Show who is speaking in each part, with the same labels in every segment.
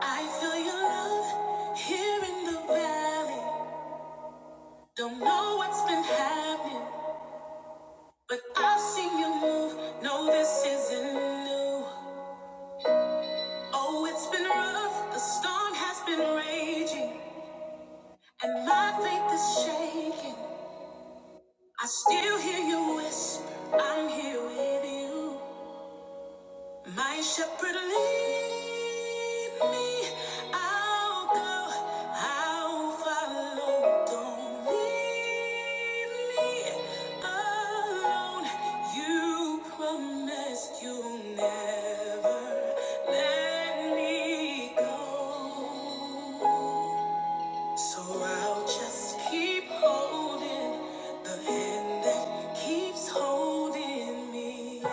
Speaker 1: I feel your love here in the valley. Don't know what's been happening, but I've seen you move. No, this isn't new. Oh, it's been rough. The storm has been raging, and my faith is shaking. I still hear you whisper, I'm here with you. My shepherd lead me. I'll go. I'll follow. Don't leave me alone. You promised you'll never let me go. So I'll just keep holding the hand that keeps holding me.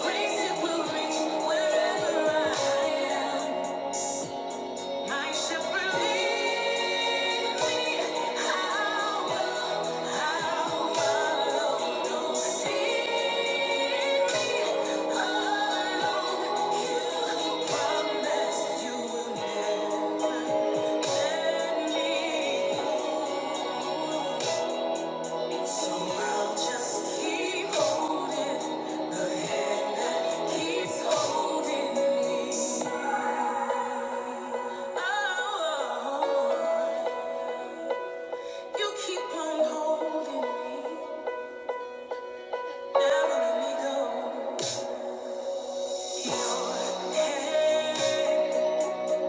Speaker 1: Grace it will reach wherever I am. My shepherd lead me, I will, I follow. do me alone. You promised you will never let me go. So I'll just keep holding the hand that keeps holding me. Oh. oh, oh. You keep on holding me, never let me go. Your hand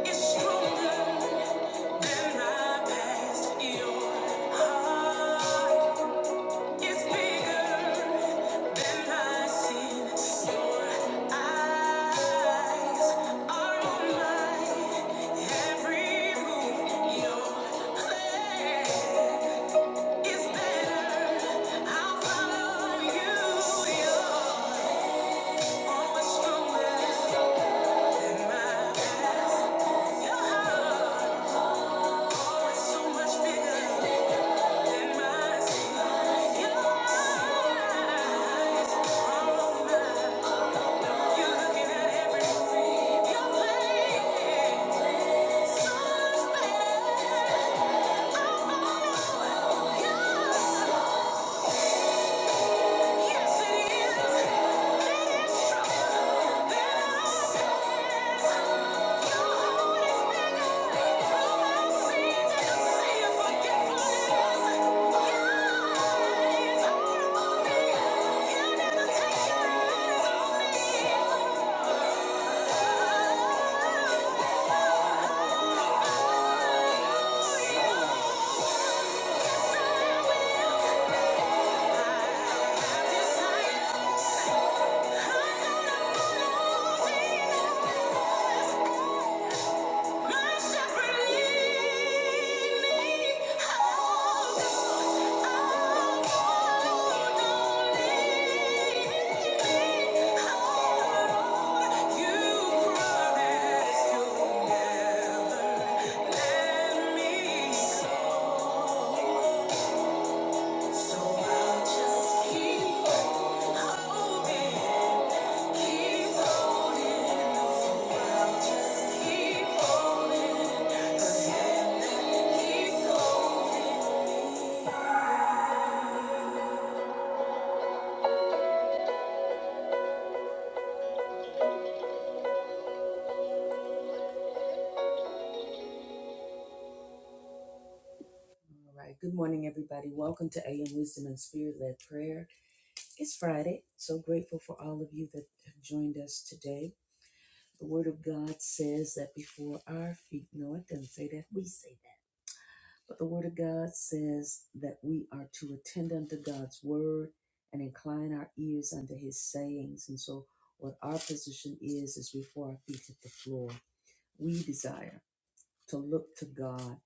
Speaker 1: is stronger than my past. Your heart is bigger than my sin. Your eyes are on my every move. Your plan is better. I'll follow you. Yeah. Yeah. Thank you so So All right. Good morning, everybody. Welcome to AM Wisdom and Spirit Led Prayer. It's Friday. So grateful for all of you that have joined us today. The Word of God says that before our feet, no, it doesn't say that. We say that. But the Word of God says that we are to attend unto God's Word and incline our ears unto His sayings. And so, what our position is, is before our feet hit the floor. We desire to look to God,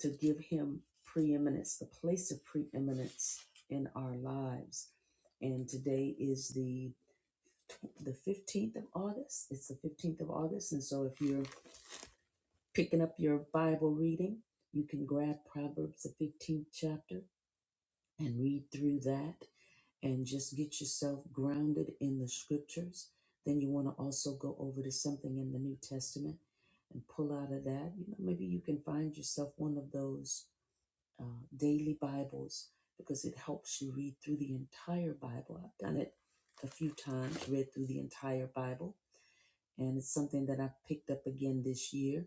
Speaker 1: to give Him preeminence, the place of preeminence in our lives. And today is the the 15th of August. It's the 15th of August. And so if you're picking up your Bible reading, you can grab Proverbs the 15th chapter and read through that and just get yourself grounded in the scriptures. Then you want to also go over to something in the New Testament and pull out of that. You know, maybe you can find yourself one of those uh, daily Bibles because it helps you read through the entire Bible. I've done it a few times, read through the entire Bible, and it's something that I've picked up again this year,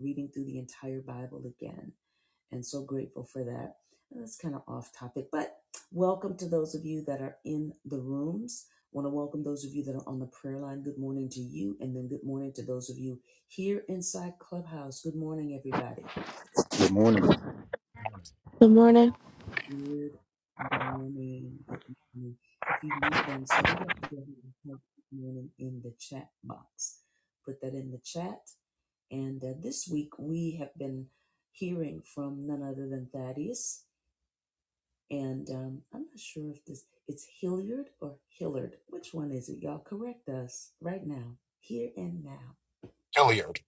Speaker 1: reading through the entire Bible again and so grateful for that. And that's kind of off topic, but welcome to those of you that are in the rooms. Want to welcome those of you that are on the prayer line. Good morning to you, and then good morning to those of you here inside Clubhouse. Good morning, everybody.
Speaker 2: Good morning. Well,
Speaker 3: Good morning.
Speaker 1: Good morning. Good morning. If you've not done so, why don't you go ahead and type good morning in the chat box? Put that in the chat. And uh, this week we have been hearing from none other than Thaddeus And um, I'm not sure if this it's Hilliard or Hillard. Which one is it? Y'all correct us right now, here and now.
Speaker 4: Hilliard.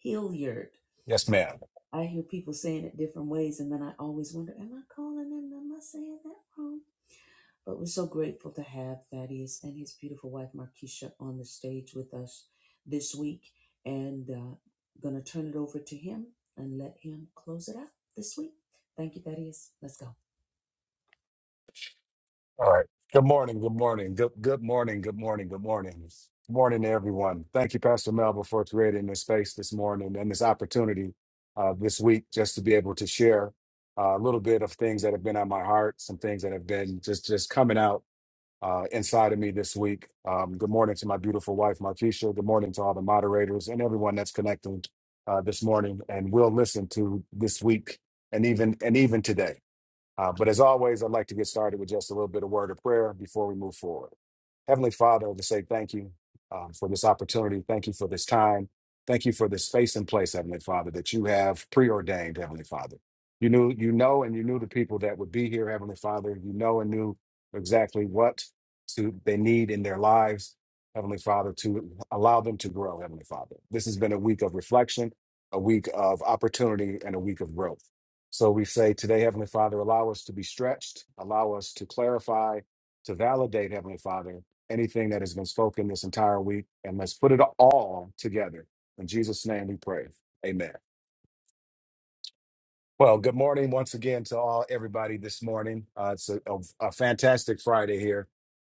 Speaker 1: Hilliard.
Speaker 4: Yes, ma'am.
Speaker 1: I hear people saying it different ways, and then I always wonder, am I calling them? Am I saying that wrong? But we're so grateful to have Thaddeus and his beautiful wife Markeisha on the stage with us this week, and uh, gonna turn it over to him and let him close it out this week. Thank you, Thaddeus. Let's go.
Speaker 4: All right. Good morning. Good morning. Good good morning. Good morning. Good morning. Good morning to everyone. Thank you, Pastor Melba, for creating this space this morning and this opportunity uh, this week just to be able to share uh, a little bit of things that have been on my heart, some things that have been just just coming out uh, inside of me this week. Um, good morning to my beautiful wife, Markeisha. Good morning to all the moderators and everyone that's connecting uh, this morning and will listen to this week and even and even today. Uh, but as always, I'd like to get started with just a little bit of word of prayer before we move forward. Heavenly Father, I would say thank you um, for this opportunity. Thank you for this time. Thank you for this space and place, Heavenly Father, that you have preordained, Heavenly Father. You knew, you know, and you knew the people that would be here, Heavenly Father. You know and knew exactly what to, they need in their lives, Heavenly Father, to allow them to grow, Heavenly Father. This has been a week of reflection, a week of opportunity, and a week of growth. So we say, Today, Heavenly Father, allow us to be stretched, allow us to clarify, to validate, Heavenly Father, anything that has been spoken this entire week, and let's put it all together. In Jesus' name we pray. Amen. Well, good morning once again to all everybody this morning. Uh, it's a, a, a fantastic Friday here.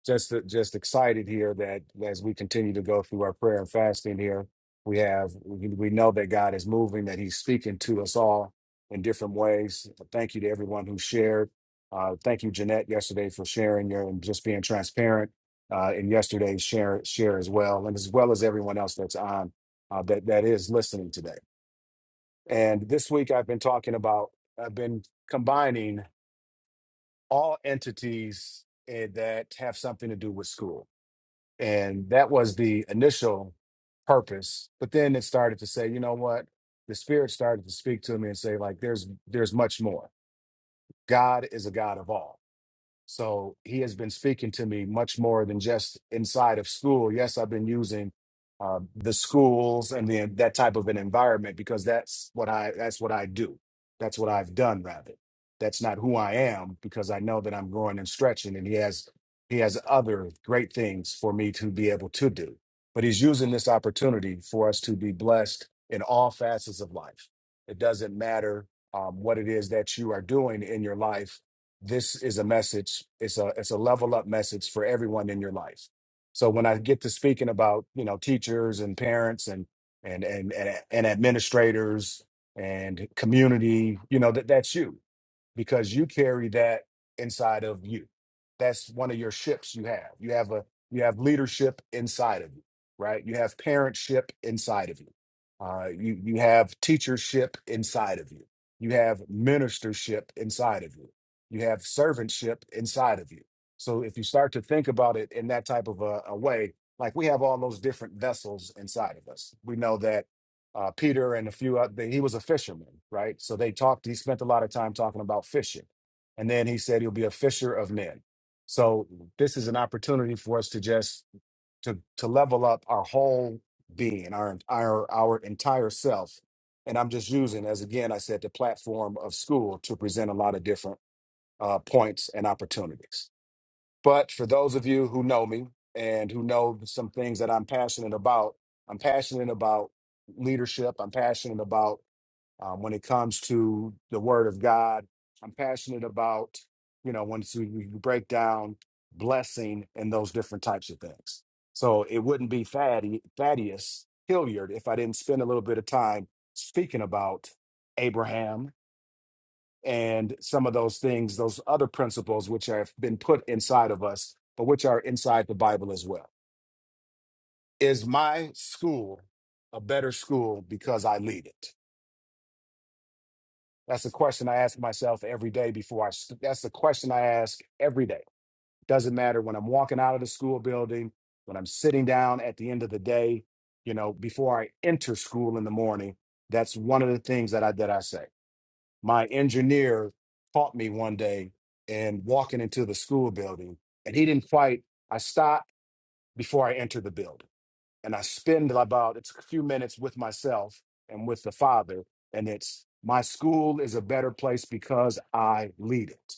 Speaker 4: Just uh, just excited here that as we continue to go through our prayer and fasting here, we have we we know that God is moving, that He's speaking to us all in different ways. Thank you to everyone who shared. Uh, thank you, Jeanette, yesterday for sharing your and just being transparent uh, in yesterday's share share as well, and as well as everyone else that's on uh, that that is listening today. And this week I've been talking about, I've been combining all entities eh, that have something to do with school. And that was the initial purpose. But then it started to say, you know what? The spirit started to speak to me and say, like, there's there's much more. God is a God of all so he has been speaking to me much more than just inside of school. Yes, I've been using uh, the schools and the, that type of an environment because that's what I that's what I do. That's what I've done. Rather, that's not who I am because I know that I'm growing and stretching, and he has he has other great things for me to be able to do. But he's using this opportunity for us to be blessed in all facets of life. It doesn't matter um, what it is that you are doing in your life this is a message it's a it's a level up message for everyone in your life so when i get to speaking about you know teachers and parents and and and and, and administrators and community you know that that's you because you carry that inside of you. That's one of your ships you have. You have a you have leadership inside of you, right? You have parentship inside of you. Uh, you you have teachership inside of you. You have ministership inside of you. You have servantship inside of you. So if you start to think about it in that type of a, a way, like we have all those different vessels inside of us. We know that uh, Peter and a few other, he was a fisherman, right? So they talked, he spent a lot of time talking about fishing. And then he said he'll be a fisher of men. So this is an opportunity for us to just to to level up our whole being, our our our entire self. And I'm just using, as again I said, the platform of school to present a lot of different uh, points and opportunities. But for those of you who know me and who know some things that I'm passionate about, I'm passionate about leadership. I'm passionate about um, when it comes to the Word of God. I'm passionate about, you know, once we we break down blessing and those different types of things. So it wouldn't be Thadde- Thaddeus Hilliard if I didn't spend a little bit of time speaking about Abraham, and some of those things, those other principles which have been put inside of us, but which are inside the Bible as well. Is my school a better school because I lead it? That's the question I ask myself every day before I. st- That's the question I ask every day. Doesn't matter when I'm walking out of the school building, when I'm sitting down at the end of the day, you know, before I enter school in the morning. That's one of the things that I that I say. my engineer caught me one day and walking into the school building and he didn't quite i stopped before i entered the building and I spend about it's a few minutes with myself and with the Father, and it's my school is a better place because I lead it.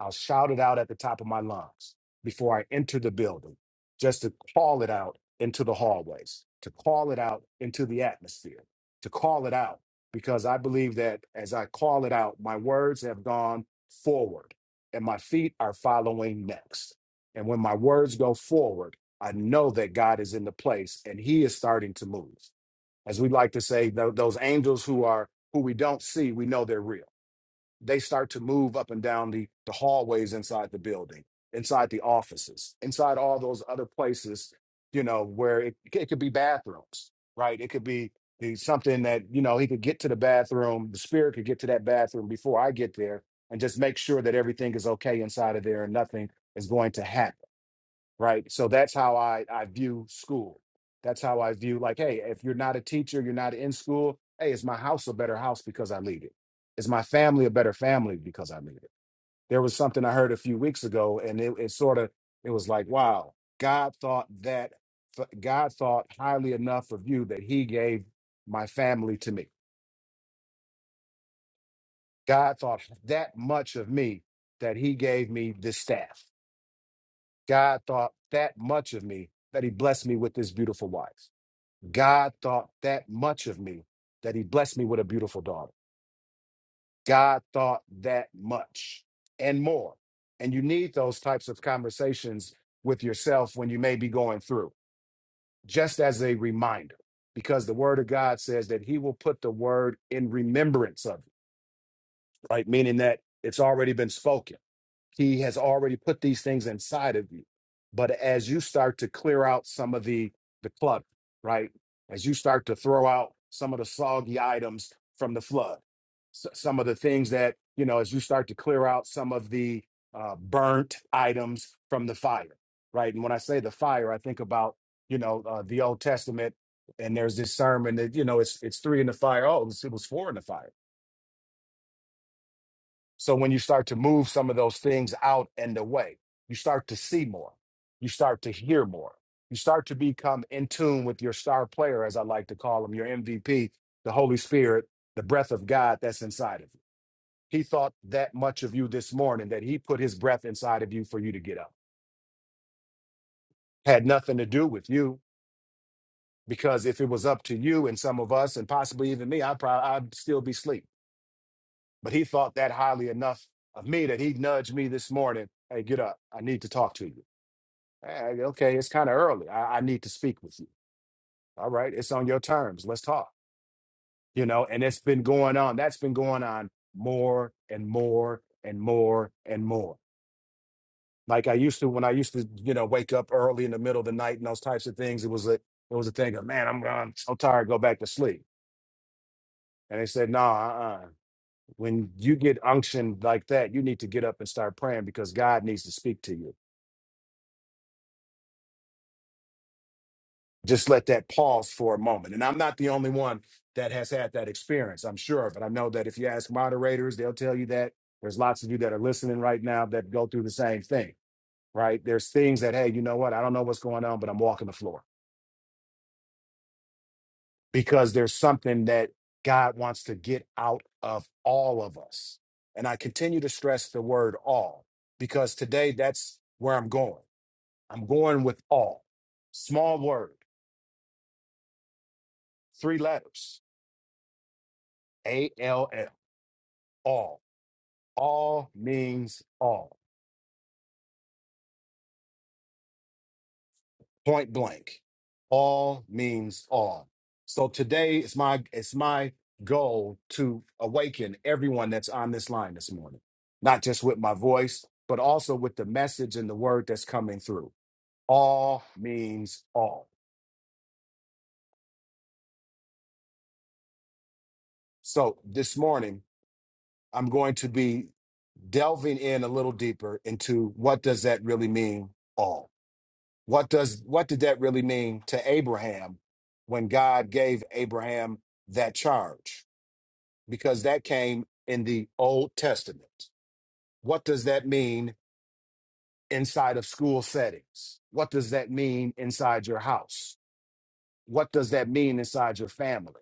Speaker 4: I'll shout it out at the top of my lungs before I enter the building, just to call it out into the hallways, to call it out into the atmosphere, to call it out because I believe that as I call it out, my words have gone forward and my feet are following next. And when my words go forward, I know that God is in the place and he is starting to move. As we like to say, tho- those angels who are who we don't see, we know they're real. They start to move up and down the, the hallways inside the building, inside the offices, inside all those other places, you know, where it, it could be bathrooms, right? It could be the- something that, you know, he could get to the bathroom, the spirit could get to that bathroom before I get there and just make sure that everything is okay inside of there and nothing is going to happen right so that's how i i view school that's how i view like hey if you're not a teacher you're not in school hey is my house a better house because i leave it is my family a better family because i leave it there was something i heard a few weeks ago and it, it sort of it was like wow god thought that god thought highly enough of you that he gave my family to me god thought that much of me that he gave me this staff god thought that much of me that he blessed me with this beautiful wife God thought that much of me that he blessed me with a beautiful daughter. God thought that much and more. And you need those types of conversations with yourself when you may be going through, just as a reminder, because the word of God says that he will put the word in remembrance of you, right? Meaning that it's already been spoken. He has already put these things inside of you. But as you start to clear out some of the the clutter, right? As you start to throw out some of the soggy items from the flood, s- some of the things that you know, as you start to clear out some of the uh, burnt items from the fire, right? And when I say the fire, I think about you know uh, the Old Testament, and there's this sermon that you know it's it's three in the fire. Oh, it was, it was four in the fire so when you start to move some of those things out and away, you start to see more, you start to hear more, you start to become in tune with your star player, as I like to call him, your MVP, the Holy Spirit, the breath of God that's inside of you. He thought that much of you this morning that he put his breath inside of you for you to get up. Had nothing to do with you because if it was up to you and some of us and possibly even me, I probably I'd still be asleep. But he thought that highly enough of me that he nudged me this morning. Hey, get up. I need to talk to you. "Hey, okay, it's kind of early. I, I need to speak with you. All right, it's on your terms. Let's talk. You know, and it's been going on. That's been going on more and more and more and more. Like I used to when I used to, you know, wake up early in the middle of the night and those types of things. It was a it was a thing of man, I'm I'm so tired, go back to sleep. And they said, no, uh-uh. when you get unction like that, you need to get up and start praying because God needs to speak to you. just let that pause for a moment. And I'm not the only one that has had that experience, I'm sure. But I know that if you ask moderators, they'll tell you that there's lots of you that are listening right now that go through the same thing, right? There's things that, hey, you know what? I don't know what's going on, but I'm walking the floor because there's something that God wants to get out of all of us. And I continue to stress the word all because today that's where I'm going. I'm going with all. Small word, three letters, A L L, all. All means all. Point blank. All means all. So today it's my it's my goal to awaken everyone that's on this line this morning. Not just with my voice, but also with the message and the word that's coming through. All means all. So this morning I'm going to be delving in a little deeper into what does that really mean all What does what did that really mean to Abraham when God gave Abraham that charge? Because that came in the Old Testament. What does that mean inside of school settings? What does that mean inside your house? What does that mean inside your family?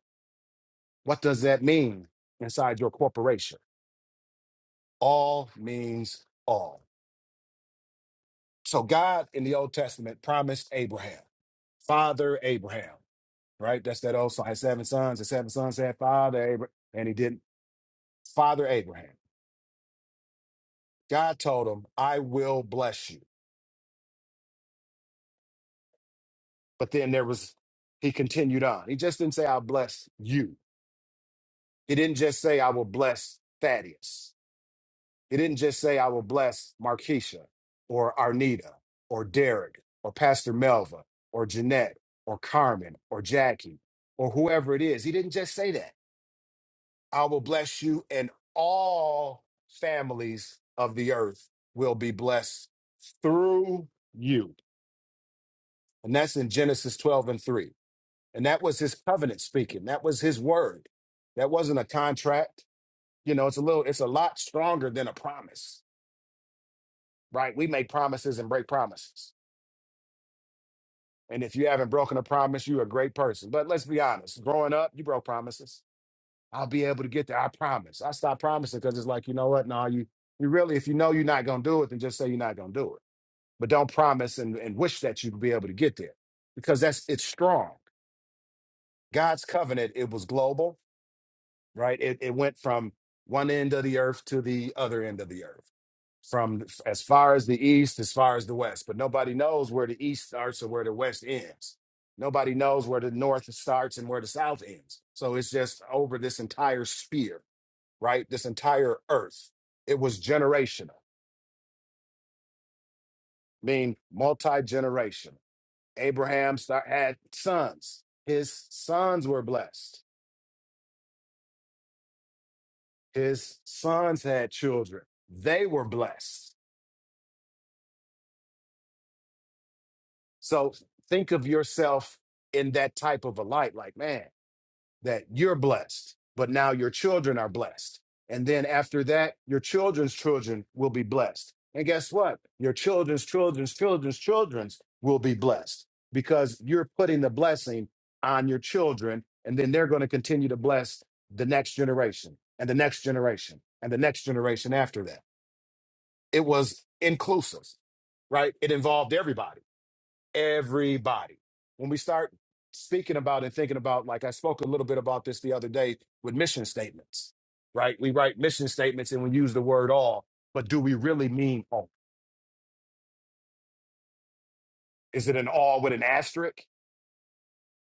Speaker 4: What does that mean inside your corporation? All means all. So God in the Old Testament promised Abraham, Father Abraham. right? That's that old song. His seven sons, his seven sons had father Abraham, and he didn't father Abraham. God told him, I will bless you. But then there was, he continued on. He just didn't say, I'll bless you. He didn't just say, I will bless Thaddeus. He didn't just say, I will bless Markeisha or Arnita or Derek or Pastor Melva or Jeanette or Carmen or Jackie or whoever it is. He didn't just say that. I will bless you, and all families of the earth will be blessed through you. And that's in Genesis 12 and 3. And that was his covenant speaking. That was his word. That wasn't a contract. You know, it's a little, it's a lot stronger than a promise, right? We make promises and break promises. And if you haven't broken a promise, you're a great person. But let's be honest, growing up, you broke promises I'll be able to get there. I promise. I stopped promising because it's like, you know what? No, you you really, if you know you're not gonna do it, then just say you're not gonna do it. But don't promise and, and wish that you'd be able to get there. Because that's it's strong. God's covenant, it was global, right? It it went from one end of the earth to the other end of the earth. From as far as the east, as far as the west. But nobody knows where the east starts or where the west ends. Nobody knows where the north starts and where the south ends. So it's just over this entire sphere right? This entire earth. It was generational, mean multi generational. Abraham start, had sons. His sons were blessed. His sons had children. They were blessed. So think of yourself in that type of a light. Like, man, that you're blessed, but now your children are blessed. And then after that, your children's children will be blessed. And guess what? Your children's children's children's children's will be blessed because you're putting the blessing on your children. And then they're going to continue to bless the next generation and the next generation and the next generation after that. It was inclusive, right? It involved everybody everybody. When we start speaking about and thinking about, like I spoke a little bit about this the other day with mission statements, right? We write mission statements and we use the word all, but do we really mean all? Is it an all with an asterisk?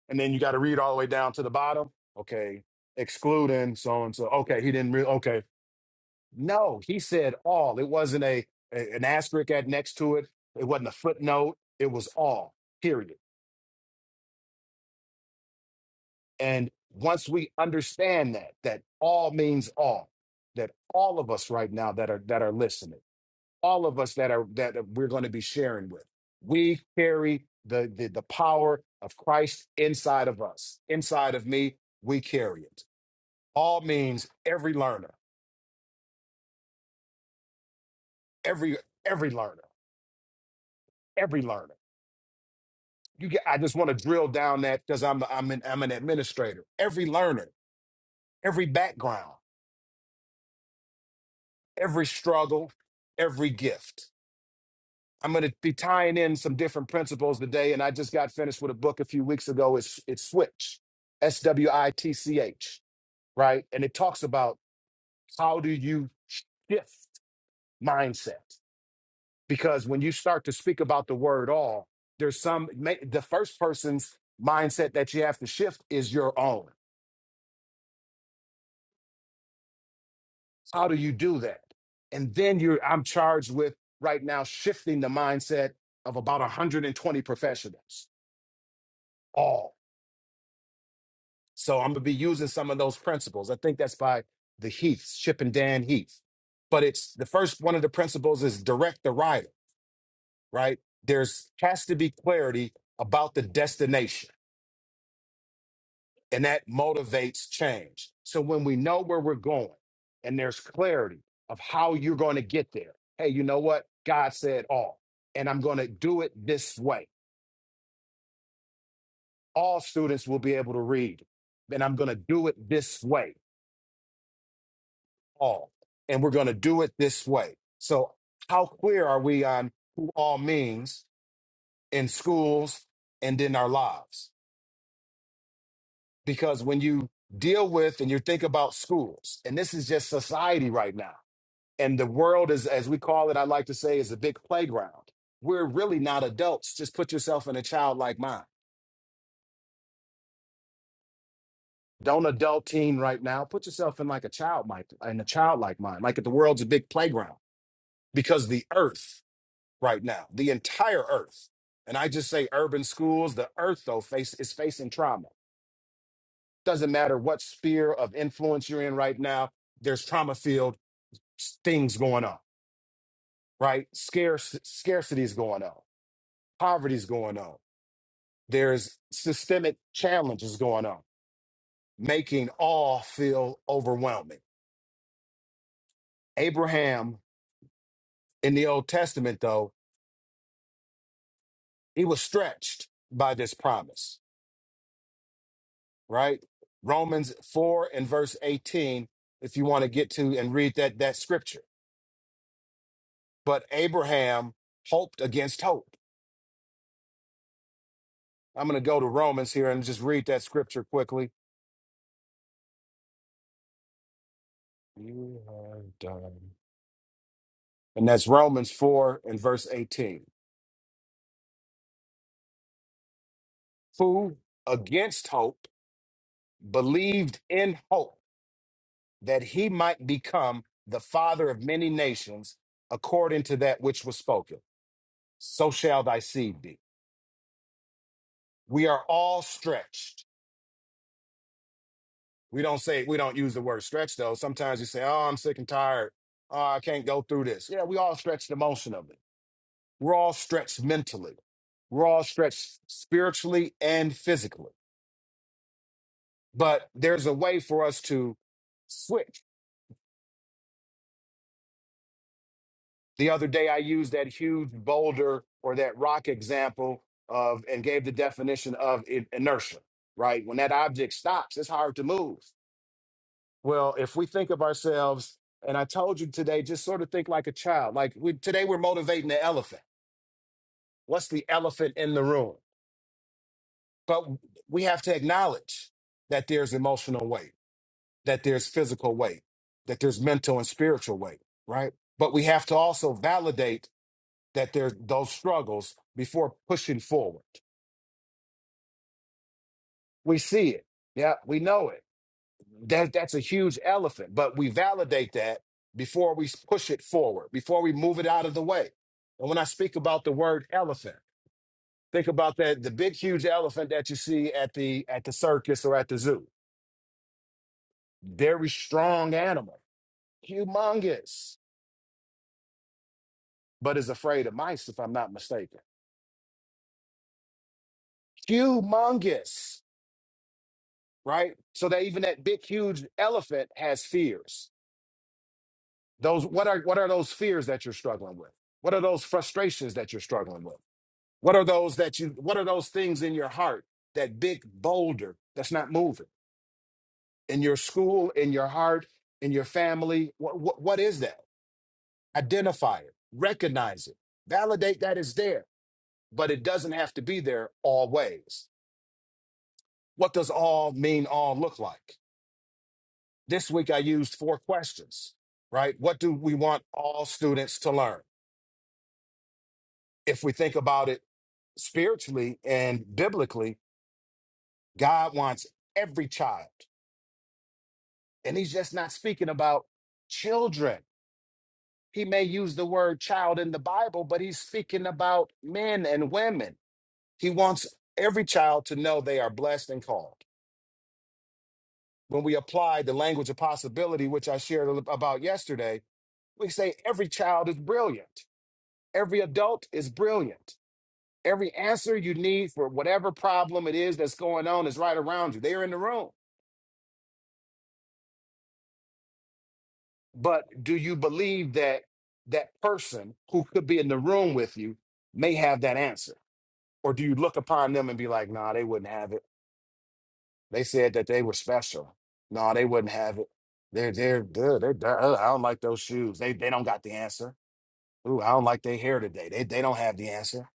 Speaker 4: And then you got to read all the way down to the bottom. Okay, excluding so and so. Okay, he didn't really. Okay, no, he said all. It wasn't a, a- an asterisk at next to it. It wasn't a footnote. It was all. Period. And once we understand that, that all means all, that all of us right now that are that are listening, all of us that are that we're going to be sharing with, we carry the the, the power of Christ inside of us, inside of me. We carry it. All means every learner, every every learner, every learner. You get, I just want to drill down that because I'm I'm an I'm an administrator. Every learner, every background, every struggle, every gift I'm going to be tying in some different principles today, and I just got finished with a book a few weeks ago. It's it's Switch, S W I T C H, right? And it talks about how do you shift mindset because when you start to speak about the word all, there's some ma- the first person's mindset that you have to shift is your own. How do you do that? And then you're I'm charged with right now shifting the mindset of about 120 professionals all So I'm gonna be using some of those principles. I think that's by the Heaths, Chip and Dan Heath. But it's the first one of the principles is direct the rider, right? There's has to be clarity about the destination, and that motivates change. So when we know where we're going and there's clarity of how you're going to get there, hey, you know what? God said all, and I'm going to do it this way. All students will be able to read, and I'm going to do it this way all, and we're going to do it this way. So, how clear are we on who all means in schools and in our lives? Because when you deal with and you think about schools, and this is just society right now, and the world is, as we call it, I like to say, is a big playground. We're really not adults. Just put yourself in a childlike mind. Don't adult teen right now. Put yourself in like a child, like in a childlike mind, like if the world's a big playground because the earth right now, the entire earth. And I just say urban schools, the earth though face is facing trauma. Doesn't matter what sphere of influence you're in right now, there's trauma filled things going on, right? Scarce scarcity is going on, poverty's going on, there's systemic challenges going on, making all feel overwhelming. Abraham in the Old Testament, though, he was stretched by this promise right? Romans 4 and verse 18, if you want to get to and read that that scripture. But Abraham hoped against hope. I'm going to go to Romans here and just read that scripture quickly. You have done. And that's Romans 4 and verse 18. Who against hope believed in hope that he might become the father of many nations according to that which was spoken. So shall thy seed be. We are all stretched We don't say we don't use the word stretch though. Sometimes you say, "Oh, I'm sick and tired. Oh, I can't go through this." Yeah, we all stretched emotionally. We're all stretched mentally. We're all stretched spiritually and physically. But there's a way for us to switch. The other day, I used that huge boulder or that rock example of and gave the definition of i- inertia. Right when that object stops, it's hard to move. Well, if we think of ourselves, and I told you today, just sort of think like a child. Like we, today, we're motivating the elephant. What's the elephant in the room? But we have to acknowledge that there's emotional weight, that there's physical weight, that there's mental and spiritual weight, right? But we have to also validate that there's those struggles before pushing forward. We see it. Yeah, we know it. that that's a huge elephant but we validate that before we push it forward before we move it out of the way and when i speak about the word elephant think about that the big huge elephant that you see at the at the circus or at the zoo very strong animal humongous but is afraid of mice if i'm not mistaken humongous right so that even that big huge elephant has fears those what are what are those fears that you're struggling with what are those frustrations that you're struggling with What are those that you what are those things in your heart, that big boulder that's not moving? In your school, in your heart, in your family, what what, what is that? Identify it, recognize it, validate that it's there, but it doesn't have to be there always. What does all mean all look like? This week I used four questions, right? What do we want all students to learn? If we think about it spiritually and biblically, God wants every child. And he's just not speaking about children. He may use the word child in the Bible, but he's speaking about men and women. He wants every child to know they are blessed and called. When we apply the language of possibility, which I shared a li- about yesterday, we say every child is brilliant. Every adult is brilliant. Every answer you need for whatever problem it is that's going on is right around you. They are in the room. But do you believe that that person who could be in the room with you may have that answer? Or do you look upon them and be like, nah, they wouldn't have it. They said that they were special. No, nah, they wouldn't have it. They're they're they're, they're, they're uh, I don't like those shoes. They they don't got the answer. Ooh, I don't like their hair today. They they don't have the answer.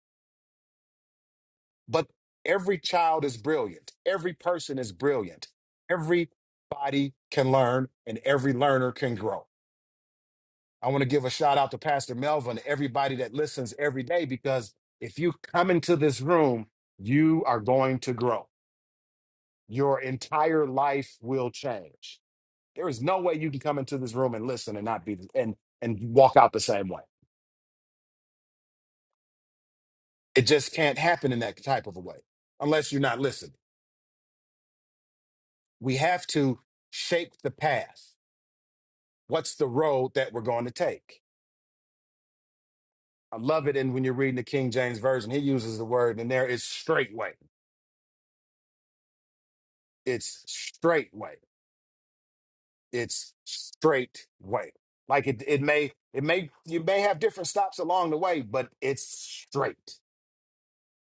Speaker 4: But every child is brilliant. Every person is brilliant. Everybody can learn and every learner can grow. I want to give a shout out to Pastor Melvin, everybody that listens every day, because if you come into this room, you are going to grow. Your entire life will change. There is no way you can come into this room and listen and not be and and walk out the same way. It just can't happen in that type of a way unless you're not listening. We have to shape the path. What's the road that we're going to take? I love it. And when you're reading the King James Version, he uses the word, and there is straightway. It's straightway it's straight way. Like it, it may, it may, you may have different stops along the way, but it's straight,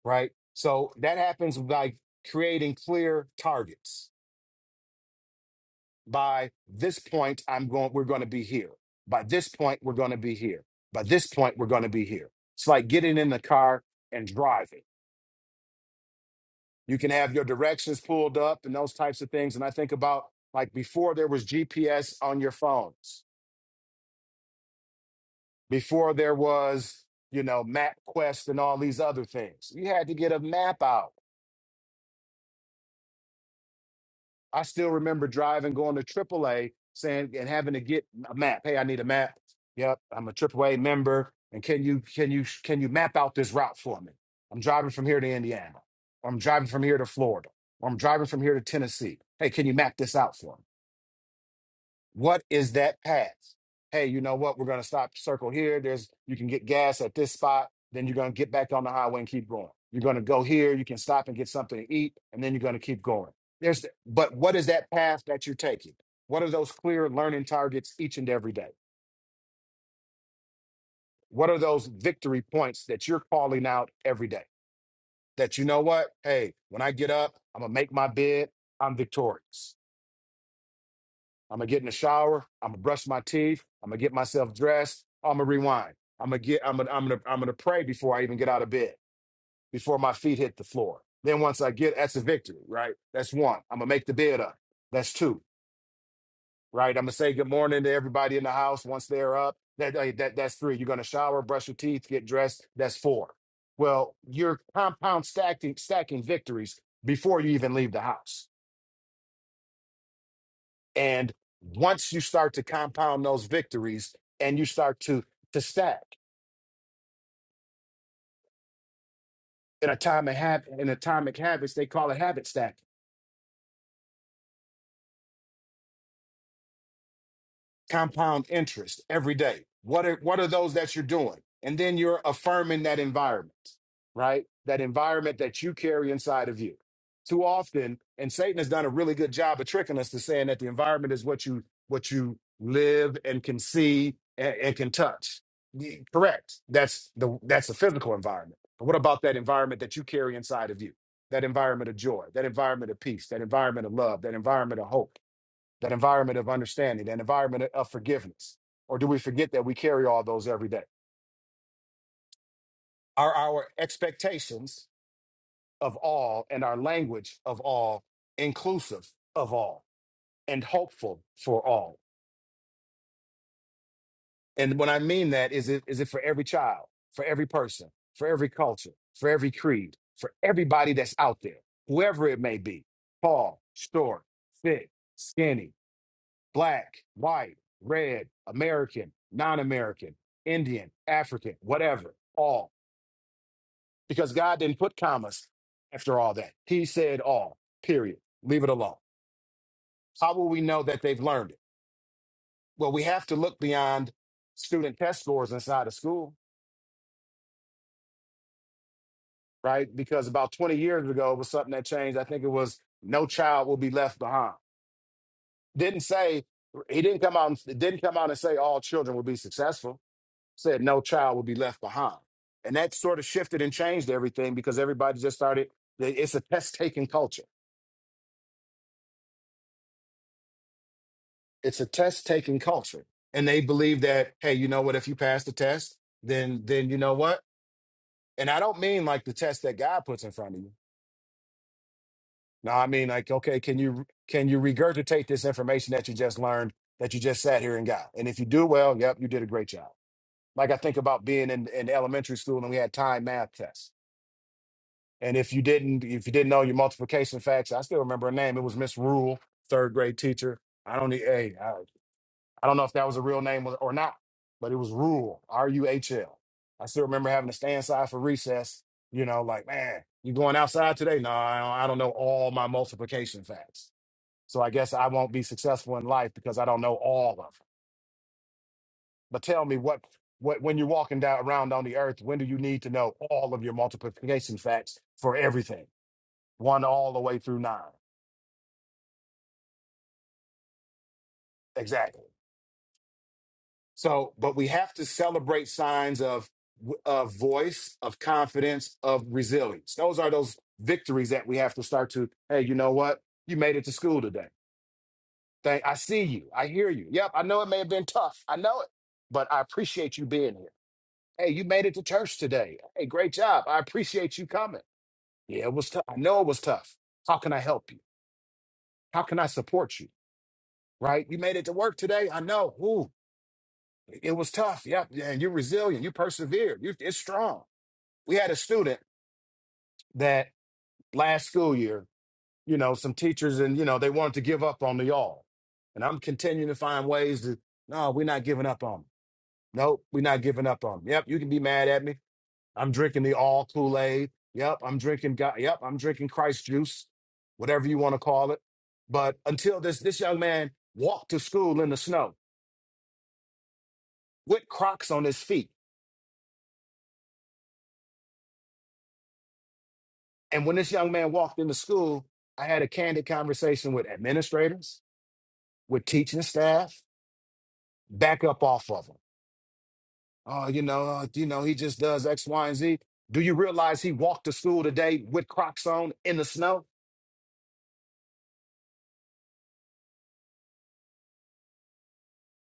Speaker 4: right? So that happens by creating clear targets. By this point, I'm going, we're going to be here. By this point, we're going to be here. By this point, we're going to be here. It's like getting in the car and driving. You can have your directions pulled up and those types of things. And I think about like before there was GPS on your phones before there was, you know, MapQuest and all these other things. You had to get a map out. I still remember driving, going to AAA, saying and having to get a map. Hey, I need a map. Yep, I'm a AAA member, and can you can you can you map out this route for me? I'm driving from here to Indiana, or I'm driving from here to Florida, or I'm driving from here to Tennessee. Hey, can you map this out for me? What is that path? Hey, you know what? We're gonna stop, circle here. There's you can get gas at this spot. Then you're gonna get back on the highway and keep going. You're gonna go here. You can stop and get something to eat, and then you're gonna keep going. There's, but what is that path that you're taking? What are those clear learning targets each and every day? What are those victory points that you're calling out every day? That you know what? Hey, when I get up, I'm gonna make my bid. I'm victorious. I'm gonna get in the shower. I'm gonna brush my teeth. I'm gonna get myself dressed. I'm gonna rewind. I'm gonna get. I'm gonna. I'm gonna. I'm gonna pray before I even get out of bed, before my feet hit the floor. Then once I get, that's a victory, right? That's one. I'm gonna make the bed up. That's two, right? I'm gonna say good morning to everybody in the house once they're up. That that that- that's three. You're gonna shower, brush your teeth, get dressed. That's four. Well, you're compound stacking stacking victories before you even leave the house And once you start to compound those victories and you start to to stack in atomic habit in atomic habits, they call it habit stacking compound interest every day. What are what are those that you're doing? And then you're affirming that environment, right? That environment that you carry inside of you. Too often, and Satan has done a really good job of tricking us to saying that the environment is what you what you live and can see and, and can touch. Y- Correct. That's the that's the physical environment. But what about that environment that you carry inside of you? That environment of joy, that environment of peace, that environment of love, that environment of hope that environment of understanding, that environment of forgiveness? Or do we forget that we carry all those every day? Are our expectations of all and our language of all inclusive of all and hopeful for all? And when I mean that, is it is it for every child, for every person, for every culture, for every creed, for everybody that's out there, whoever it may be, tall, short, thick, skinny, black, white, red, American, non American, Indian, African, whatever, all. Because God didn't put commas after all that. He said all, period. Leave it alone. How will we know that they've learned it? Well, we have to look beyond student test scores inside of school, right? Because about 20 years ago, it was something that changed. I think it was no child will be left behind. Didn't say, he didn't come out and, it didn't come out and say all children will be successful said no child will be left behind. And that sort of shifted and changed everything because everybody just started, it's a test taking culture. It's a test taking culture. And they believe that, hey, you know what, if you pass the test, then then you know what? And I don't mean like the test that God puts in front of you. No, I mean like, okay, can you can you regurgitate this information that you just learned that you just sat here and got? And if you do well, yep, you did a great job. Like I think about being in, in elementary school and we had time math tests And if you didn't, if you didn't know your multiplication facts, I still remember her name. It was Miss Rule, third grade teacher. I don't, e- hey, I, I don't know if that was a real name or or not, but it was Rule, R U H L. I still remember having to stay inside for recess. You know, like man, you going outside today? No, I don't, I don't know all my multiplication facts, so I guess I won't be successful in life because I don't know all of them. But tell me what. What, when you're walking down around on the earth, when do you need to know all of your multiplication facts for everything? one all the way through nine. Exactly. So, but we have to celebrate signs of of voice, of confidence, of resilience. Those are those victories that we have to start to. Hey, you know what? You made it to school today. Thank. I see you. I hear you. Yep. I know it may have been tough. I know it, but I appreciate you being here. Hey, you made it to church today. Hey, great job. I appreciate you coming. Yeah, it was tough. I know it was tough. How can I help you? How can I support you? Right? You made it to work today. I know. Ooh, It was tough. Yeah. yeah, And you're resilient. You persevered. You it's strong. We had a student that last school year, you know, some teachers and you know, they wanted to give up on the y'all. And I'm continuing to find ways to no, we're not giving up on them. Nope, we're not giving up on them. Yep, you can be mad at me. I'm drinking the all Kool-Aid. Yep, I'm drinking God. Yep, I'm drinking Christ juice, whatever you want to call it. But until this this young man walked to school in the snow with Crocs on his feet And when this young man walked into school, I had a candid conversation with administrators, with teaching staff, back up off of him. Oh, you know, uh, you know, he just does X, Y, and Z. Do you realize he walked to school today with Crocs on in the snow?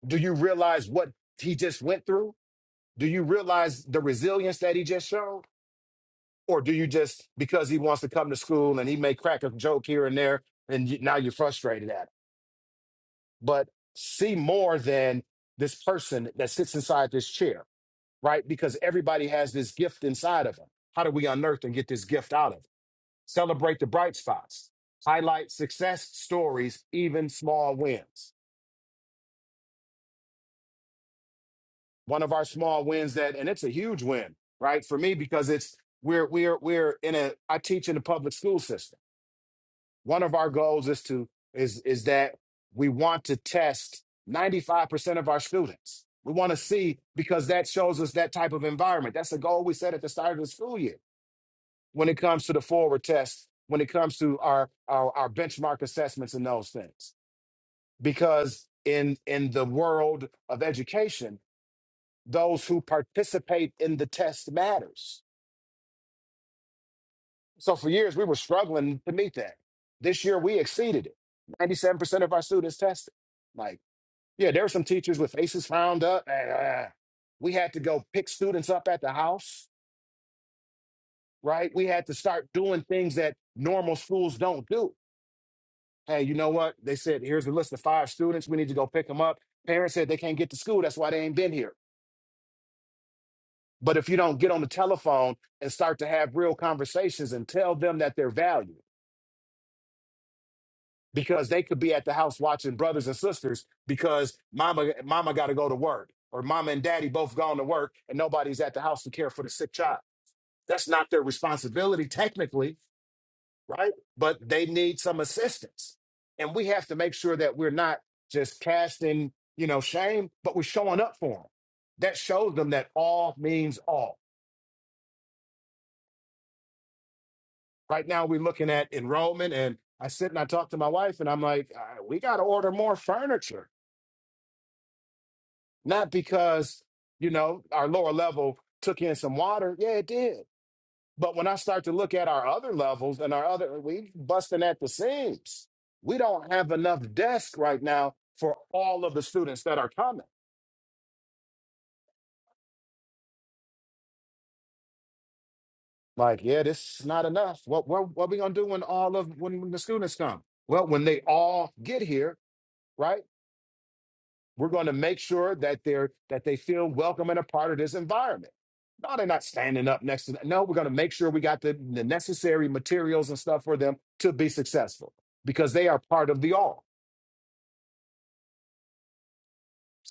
Speaker 4: Do you realize what he just went through? Do you realize the resilience that he just showed? Or do you just because he wants to come to school and he may crack a joke here and there, and you, now you're frustrated at him? But see more than this person that sits inside this chair right? Because everybody has this gift inside of them. How do we unearth and get this gift out of? 'em? Celebrate the bright spots, highlight success stories, even small wins. One of our small wins that, and it's a huge win, right? For me, because it's we're we're we're in a I teach in the public school system. One of our goals is to is is that we want to test 95% of our students. We want to see because that shows us that type of environment. That's the goal we set at the start of the school year when it comes to the forward test, when it comes to our our, our benchmark assessments and those things. Because in in the world of education, those who participate in the test matters. So for years we were struggling to meet that. This year we exceeded it. Ninety-seven percent of our students tested. Like, yeah, there were some teachers with faces frowned up. and, uh, we had to go pick students up at the house, right? We had to start doing things that normal schools don't do hey, you know what? They said, here's the list of five students. We need to go pick them up. Parents said they can't get to school. That's why they ain't been here. But if you don't get on the telephone and start to have real conversations and tell them that they're valued, because they could be at the house watching brothers and sisters because mama mama got to go to work or mama and daddy both gone to work and nobody's at the house to care for the sick child. That's not their responsibility technically right? But they need some assistance. And we have to make sure that we're not just casting, you know, shame, but we're showing up for them. That shows them that all means all. Right now, we're looking at enrollment, and I sit and I talk to my wife, and I'm like, "Uh, we got to order more furniture, not because, you know, our lower level took in some water. Yeah, it did But when I start to look at our other levels and our other, we busting at the seams. We don't have enough desks right now for all of the students that are coming. Like, yeah, this is not enough. What what what we gonna do when all of when, when the students come? Well, when they all get here, right? We're going to make sure that they're that they feel welcome and a part of this environment. No, they're not standing up next to them. No, we're going to make sure we got the, the necessary materials and stuff for them to be successful because they are part of the all.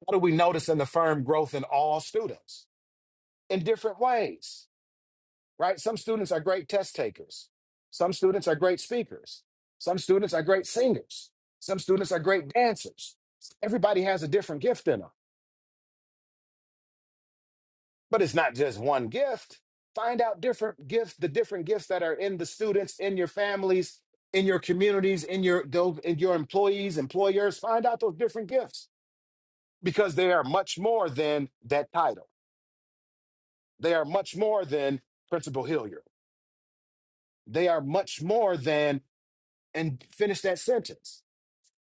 Speaker 4: What do we notice in the firm growth in all students? In different ways, right? Some students are great test takers. Some students are great speakers. Some students are great singers. Some students are great dancers. Everybody has a different gift in them, but it's not just one gift. Find out different gifts, the different gifts that are in the students, in your families, in your communities, in your those, in your employees, employers. Find out those different gifts because they are much more than that title They are much more than Principal Hillier. They are much more than, and finish that sentence.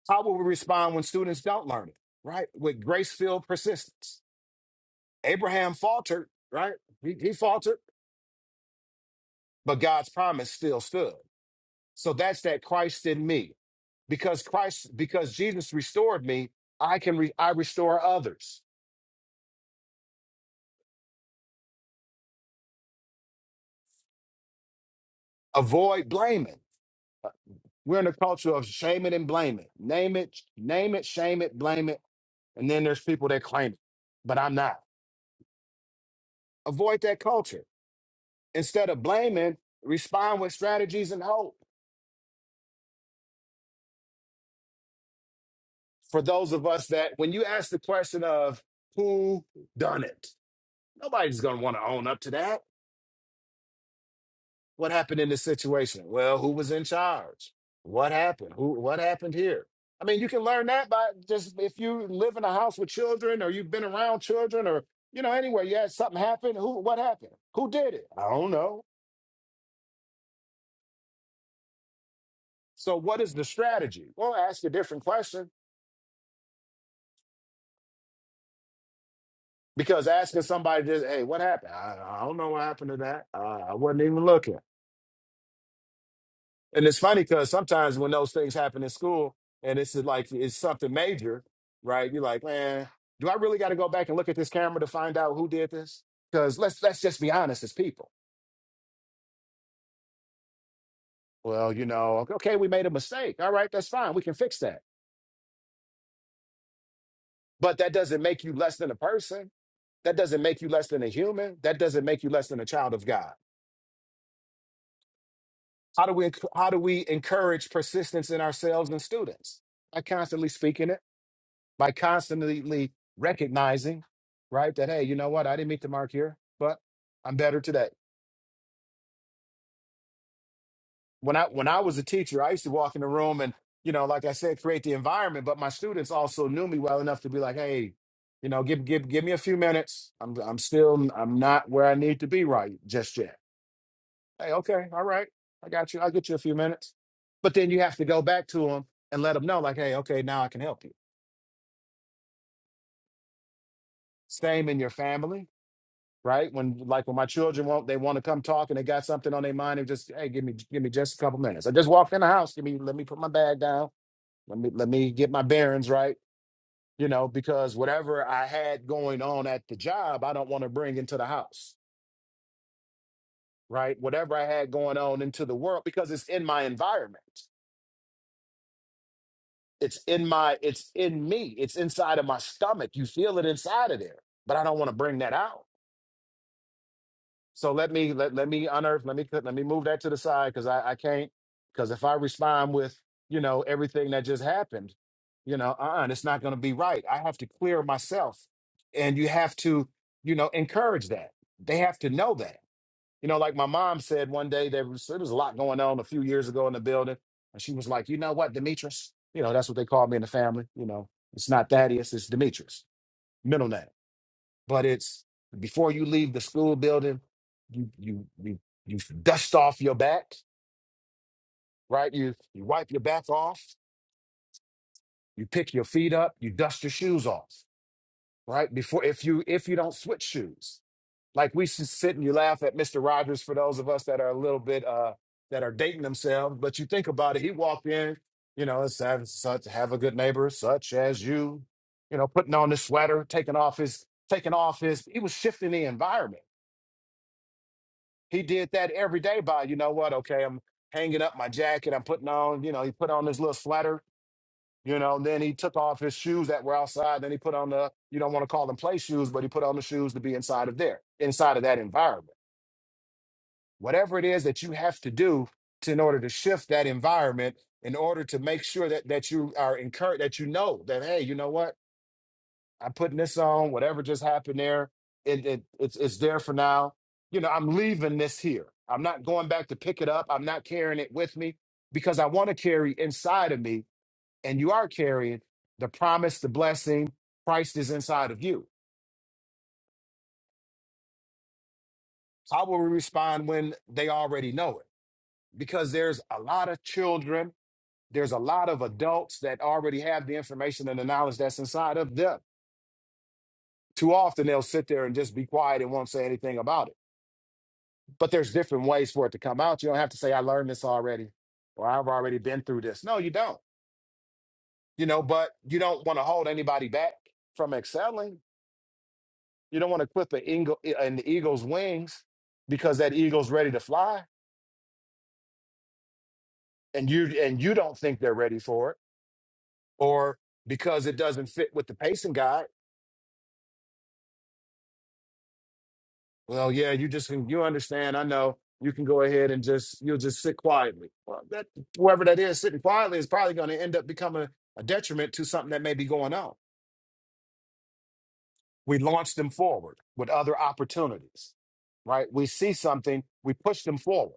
Speaker 4: How will we respond when students don't learn it? Right? With grace filled persistence. Abraham faltered, right? He, he faltered, but God's promise still stood. So that's that Christ in me. Because Christ, because Jesus restored me, I can re, I restore others. Avoid blaming. We're in a culture of shaming and blaming. Name it, name it, shame it, blame it And then there's people that claim it, but I'm not. Avoid that culture. Instead of blaming, respond with strategies and hope for those of us that, when you ask the question of who done it, nobody's going to want to own up to that. What happened in this situation? Well, who was in charge? What happened? Who? What happened here? I mean, you can learn that by just if you live in a house with children, or you've been around children, or you know, anywhere. You had something happen. Who? What happened? Who did it? I don't know. So what is the strategy? Well, ask a different question because asking somebody just, hey, what happened? I, I don't know what happened to that. Uh, I wasn't even looking. And it's funny because sometimes when those things happen in school and it's like it's something major, right? You're like, man, do I really got to go back and look at this camera to find out who did this? Because let's let's just be honest as people. Well, you know, okay, we made a mistake. All right, that's fine. We can fix that. But that doesn't make you less than a person. That doesn't make you less than a human. That doesn't make you less than a child of God. How do we enc- how do we encourage persistence in ourselves and students? By constantly speaking it, by constantly recognizing, right, that hey, you know what, I didn't meet the mark here, but I'm better today. When I when I was a teacher, I used to walk in the room and, you know, like I said, create the environment, but my students also knew me well enough to be like, hey, you know, give give give me a few minutes. I'm I'm still I'm not where I need to be right just yet Hey, okay, all right. I got you. I'll get you a few minutes. But then you have to go back to them and let them know, like, hey, okay, now I can help you. Same in your family, right? When like when my children want they want to come talk and they got something on their mind and just, hey, give me give me just a couple minutes. I just walked in the house. Give me let me put my bag down. Let me let me get my bearings right. You know, because whatever I had going on at the job, I don't want to bring into the house, right? Whatever I had going on into the world, because it's in my environment It's in my, it's in me. It's inside of my stomach. You feel it inside of there, but I don't want to bring that out. So let me let let me unearth. Let me let me move that to the side because I I can't because if I respond with you know everything that just happened, you know, uh-uh, it's not going to be right. I have to clear myself, and you have to you know encourage that. They have to know that. You know, like my mom said one day, there was, there was a lot going on a few years ago in the building. And she was like, you know what, Demetrius? You know, that's what they call me in the family. You know, it's not Thaddeus, it's Demetrius, middle name. But it's before you leave the school building, you you you you dust off your back, right? You you wipe your back off, you pick your feet up, you dust your shoes off, right? Before if you if you don't switch shoes. like we should sit and you laugh at Mr. Rogers for those of us that are a little bit uh that are dating themselves. But you think about it, he walked in, you know, and said, such have a good neighbor, such as you, you know, putting on his sweater, taking off his taking off his he was shifting the environment. He did that every day by, you know what, okay, I'm hanging up my jacket, I'm putting on, you know, he put on his little sweater, you know, and then he took off his shoes that were outside, then he put on the you don't want to call them play shoes, but he put on the shoes to be inside of there, inside of that environment. whatever it is that you have to do to in order to shift that environment in order to make sure that that you are encouraged that you know that hey you know what i'm putting this on whatever just happened there it, it it's it's there for now you know i'm leaving this here i'm not going back to pick it up i'm not carrying it with me because i want to carry inside of me and you are carrying the promise the blessing christ is inside of you how will we respond when they already know it because there's a lot of children There's a lot of adults that already have the information and the knowledge that's inside of them. Too often they'll sit there and just be quiet and won't say anything about it. But there's different ways for it to come out. You don't have to say, I learned this already or I've already been through this. No, you don't. You know, but you don't want to hold anybody back from excelling. You don't want to clip an eagle an eagle's wings because that eagle's ready to fly and you and you don't think they're ready for it. Or because it doesn't fit with the pacing guide. Well, yeah, you just can, you understand. I know you can go ahead and just you'll just sit quietly. Well, that whoever that is sitting quietly is probably going to end up becoming a detriment to something that may be going on. We launch them forward with other opportunities, right? We see something, we push them forward.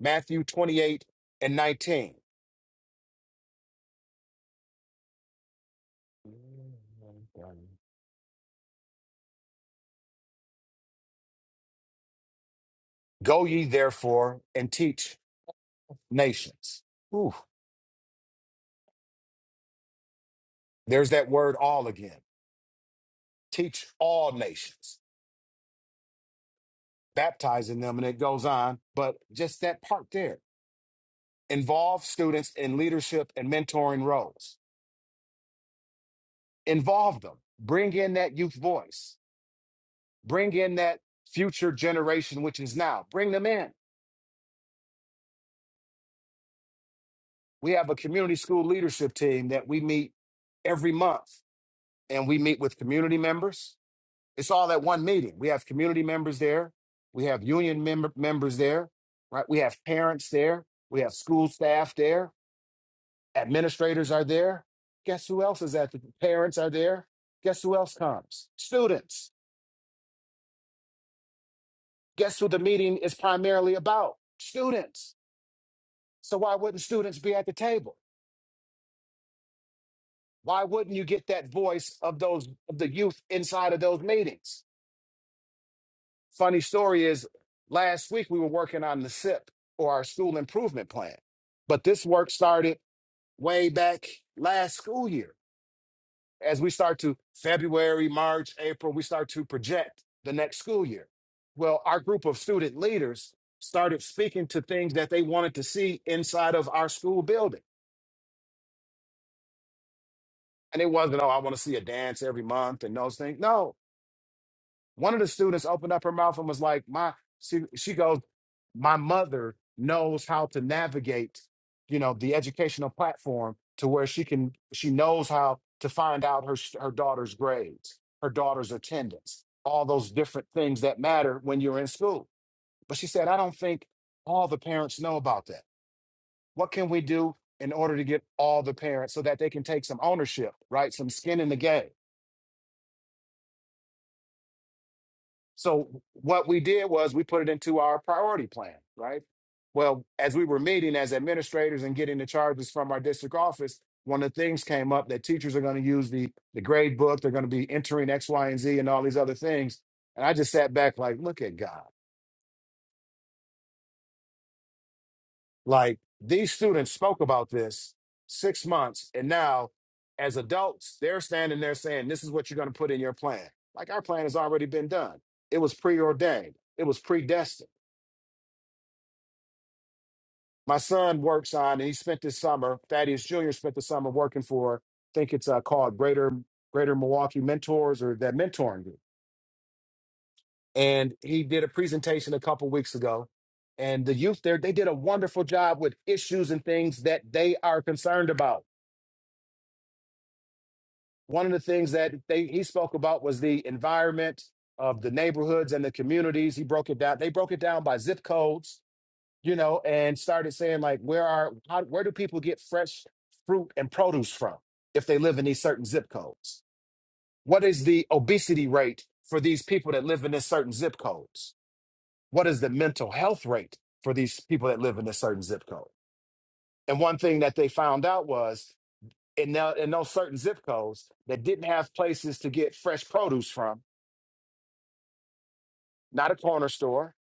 Speaker 4: Matthew 28 and 19. Go ye therefore and teach nations. Ooh, there's that word all again. Teach all nations baptizing them, and it goes on. But just that part there involve students in leadership and mentoring roles, involve them, bring in that youth voice, bring in that future generation, which is now, bring them in. We have a community school leadership team that we meet every month, and we meet with community members. It's all at one meeting. We have community members there, we have union mem- members there, right? We have parents there, we have school staff there Administrators are there. Guess who else is at the parents are there? Guess who else comes? Students. Guess who the meeting is primarily about? Students. So why wouldn't students be at the table? Why wouldn't you get that voice of those of the youth inside of those meetings? Funny story is last week we were working on the SIP or our school improvement plan. But this work started way back last school year as we start to February, March, April, we start to project the next school year. Well, our group of student leaders started speaking to things that they wanted to see inside of our school building. And it wasn't, oh, I want to see a dance every month and those things. No, One of the students opened up her mouth and was like, "My," she, she goes, "My mother knows how to navigate, you know, the educational platform to where she can. She knows how to find out her her daughter's grades, her daughter's attendance, all those different things that matter when you're in school." But she said, "I don't think all the parents know about that. What can we do?" In order to get all the parents so that they can take some ownership, right? Some skin in the game So what we did was we put it into our priority plan, right? Well, as we were meeting as administrators and getting the charges from our district office, one of the things came up that teachers are going to use the the grade book, they're going to be entering X, Y, and Z and all these other things. And I just sat back like, look at God. Like these students spoke about this six months, and now as adults, they're standing there saying, This is what you're going to put in your plan. Like our plan has already been done. It was preordained, it was predestined my son works on, and he spent this summer. Thaddeus Jr. spent the summer working for, I think it's uh, called Greater Greater Milwaukee Mentors or that mentoring group. And he did a presentation a couple weeks ago, and the youth there they did a wonderful job with issues and things that they are concerned about. One of the things that they he spoke about was the environment of the neighborhoods and the communities. He broke it down. They broke it down by zip codes you know, and started saying like, where are how, where do people get fresh fruit and produce from if they live in these certain zip codes? What is the obesity rate for these people that live in this certain zip codes? What is the mental health rate for these people that live in this certain zip code? And one thing that they found out was in, tho- in those certain zip codes that didn't have places to get fresh produce from, not a corner store,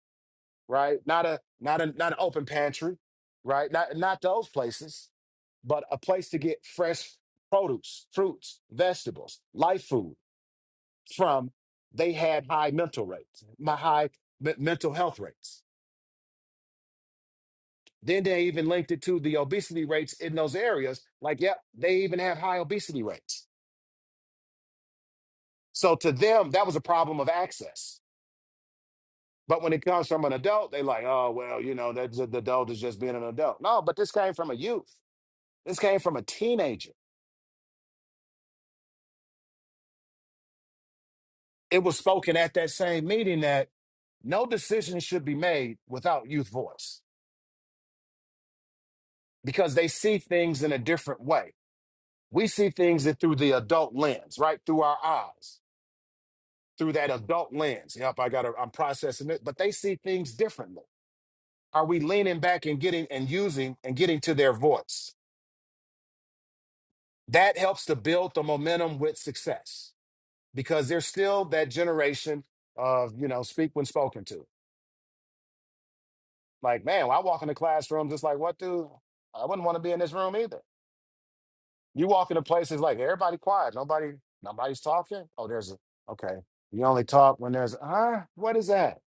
Speaker 4: right? Not a not a not an open pantry, right? Not not those places but a place to get fresh produce, fruits, vegetables, life food from. They had high mental rates, my high me- mental health rates. Then they even linked it to the obesity rates in those areas. Like, yep, they even have high obesity rates. So to them, that was a problem of access. But when it comes from an adult, they like, oh well, you know, that's the adult is just being an adult. No, but this came from a youth. This came from a teenager. It was spoken at that same meeting that No decision should be made without youth voice because they see things in a different way. We see things that through the adult lens, right? Through our eyes, through that adult lens. Yep, I got to, I'm processing it, but they see things differently. Are we leaning back and getting and using and getting to their voice? That helps to build the momentum with success because there's still that generation of, you know, speak when spoken to. Like, man, when I walk in the classroom just like, what, dude? I wouldn't want to be in this room either You walk into places like everybody quiet, nobody, nobody's talking. Oh, there's a okay. You only talk when there's huh? What is that?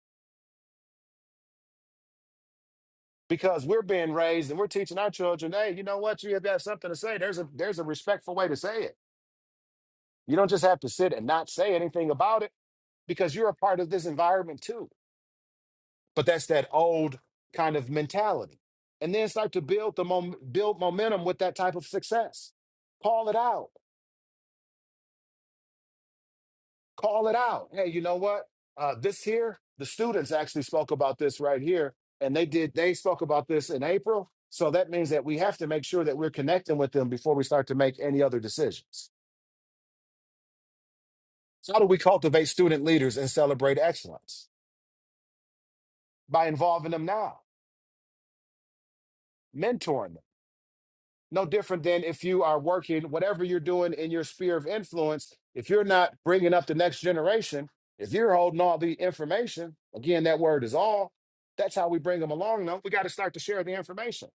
Speaker 4: Because we're being raised and we're teaching our children, hey, you know what? You have got something to say. There's a there's a respectful way to say it. You don't just have to sit and not say anything about it because you're a part of this environment too. But that's that old kind of mentality, and then start to build the mom- build momentum with that type of success. Call it out call it out. Hey, you know what? Uh, this here, the students actually spoke about this right here, and they did. They spoke about this in April, so that means that we have to make sure that we're connecting with them before we start to make any other decisions. So, how do we cultivate student leaders and celebrate excellence by involving them now, mentoring? them no different than if you are working whatever you're doing in your sphere of influence if you're not bringing up the next generation if you're holding all the information again that word is all that's how we bring them along though we got to start to share the information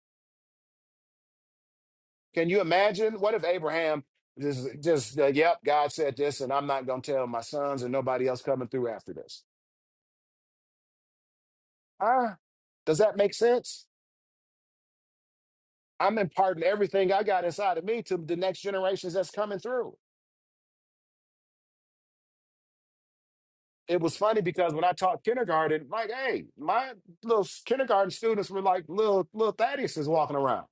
Speaker 4: can you imagine what if abraham just just uh, yep god said this and i'm not going to tell my sons and nobody else coming through after this ah does that make sense i'm imparting everything i got inside of me to the next generations that's coming through it was funny because when I taught kindergarten, like, hey, my little s- kindergarten students were like little little Thaddeus is walking around,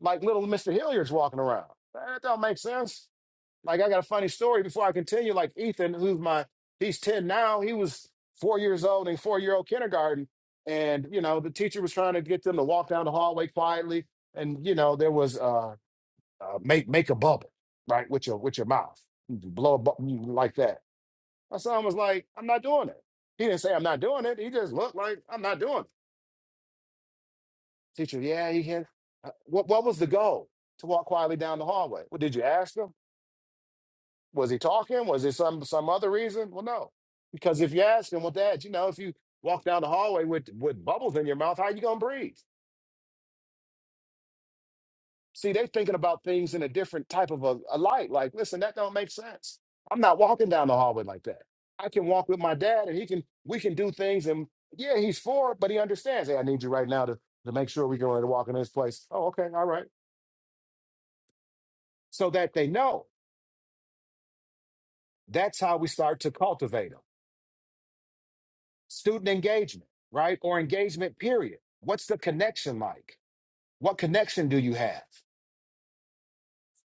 Speaker 4: like little Mister Hilliard's walking around. That don't make sense. Like, I got a funny story before I continue. Like Ethan, who's my he's ten now, he was four years old in four year old kindergarten, and you know the teacher was trying to get them to walk down the hallway quietly, and you know there was uh, uh make make a bubble right with your with your mouth, blow a bubble like that. My son was like, I'm not doing it. He didn't say, I'm not doing it. He just looked like, I'm not doing it. Teacher, yeah, he can. uh, What, what was the goal? To walk quietly down the hallway. Well, did you ask him? Was he talking? Was there some, some other reason? Well, no. Because if you ask him, well, Dad, you know, if you walk down the hallway with, with bubbles in your mouth, how you going to breathe? See, they thinking about things in a different type of a, a light. Like, listen, that don't make sense. I'm not walking down the hallway like that. I can walk with my dad, and he can. We can do things, and yeah, he's for it, but he understands. Hey, I need you right now to to make sure we're going to walk in this place. Oh, okay, all right. So that they know. That's how we start to cultivate them. Student engagement, right, or engagement period. What's the connection like? What connection do you have?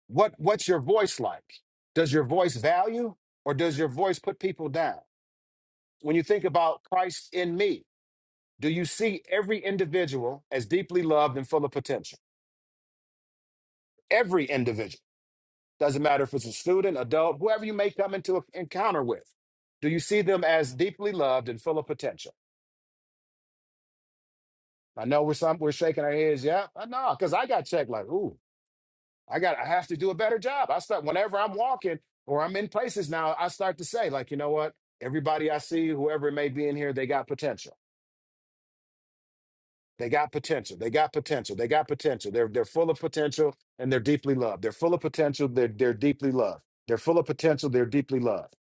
Speaker 4: What What's your voice like? Does your voice value, or does your voice put people down? when you think about Christ in me, do you see every individual as deeply loved and full of potential? Every individual. Doesn't matter if it's a student, adult, whoever you may come into an encounter with. Do you see them as deeply loved and full of potential? I know we're some we're shaking our heads, yeah. I know, because I got checked like, ooh, I got I have to do a better job. I start whenever I'm walking or I'm in places now, I start to say, like, you know what? Everybody I see, whoever it may be in here, they got potential They got potential. They got potential. They got potential. They're they're full of potential and they're deeply loved. They're full of potential. They're they're deeply loved. They're full of potential. They're deeply loved.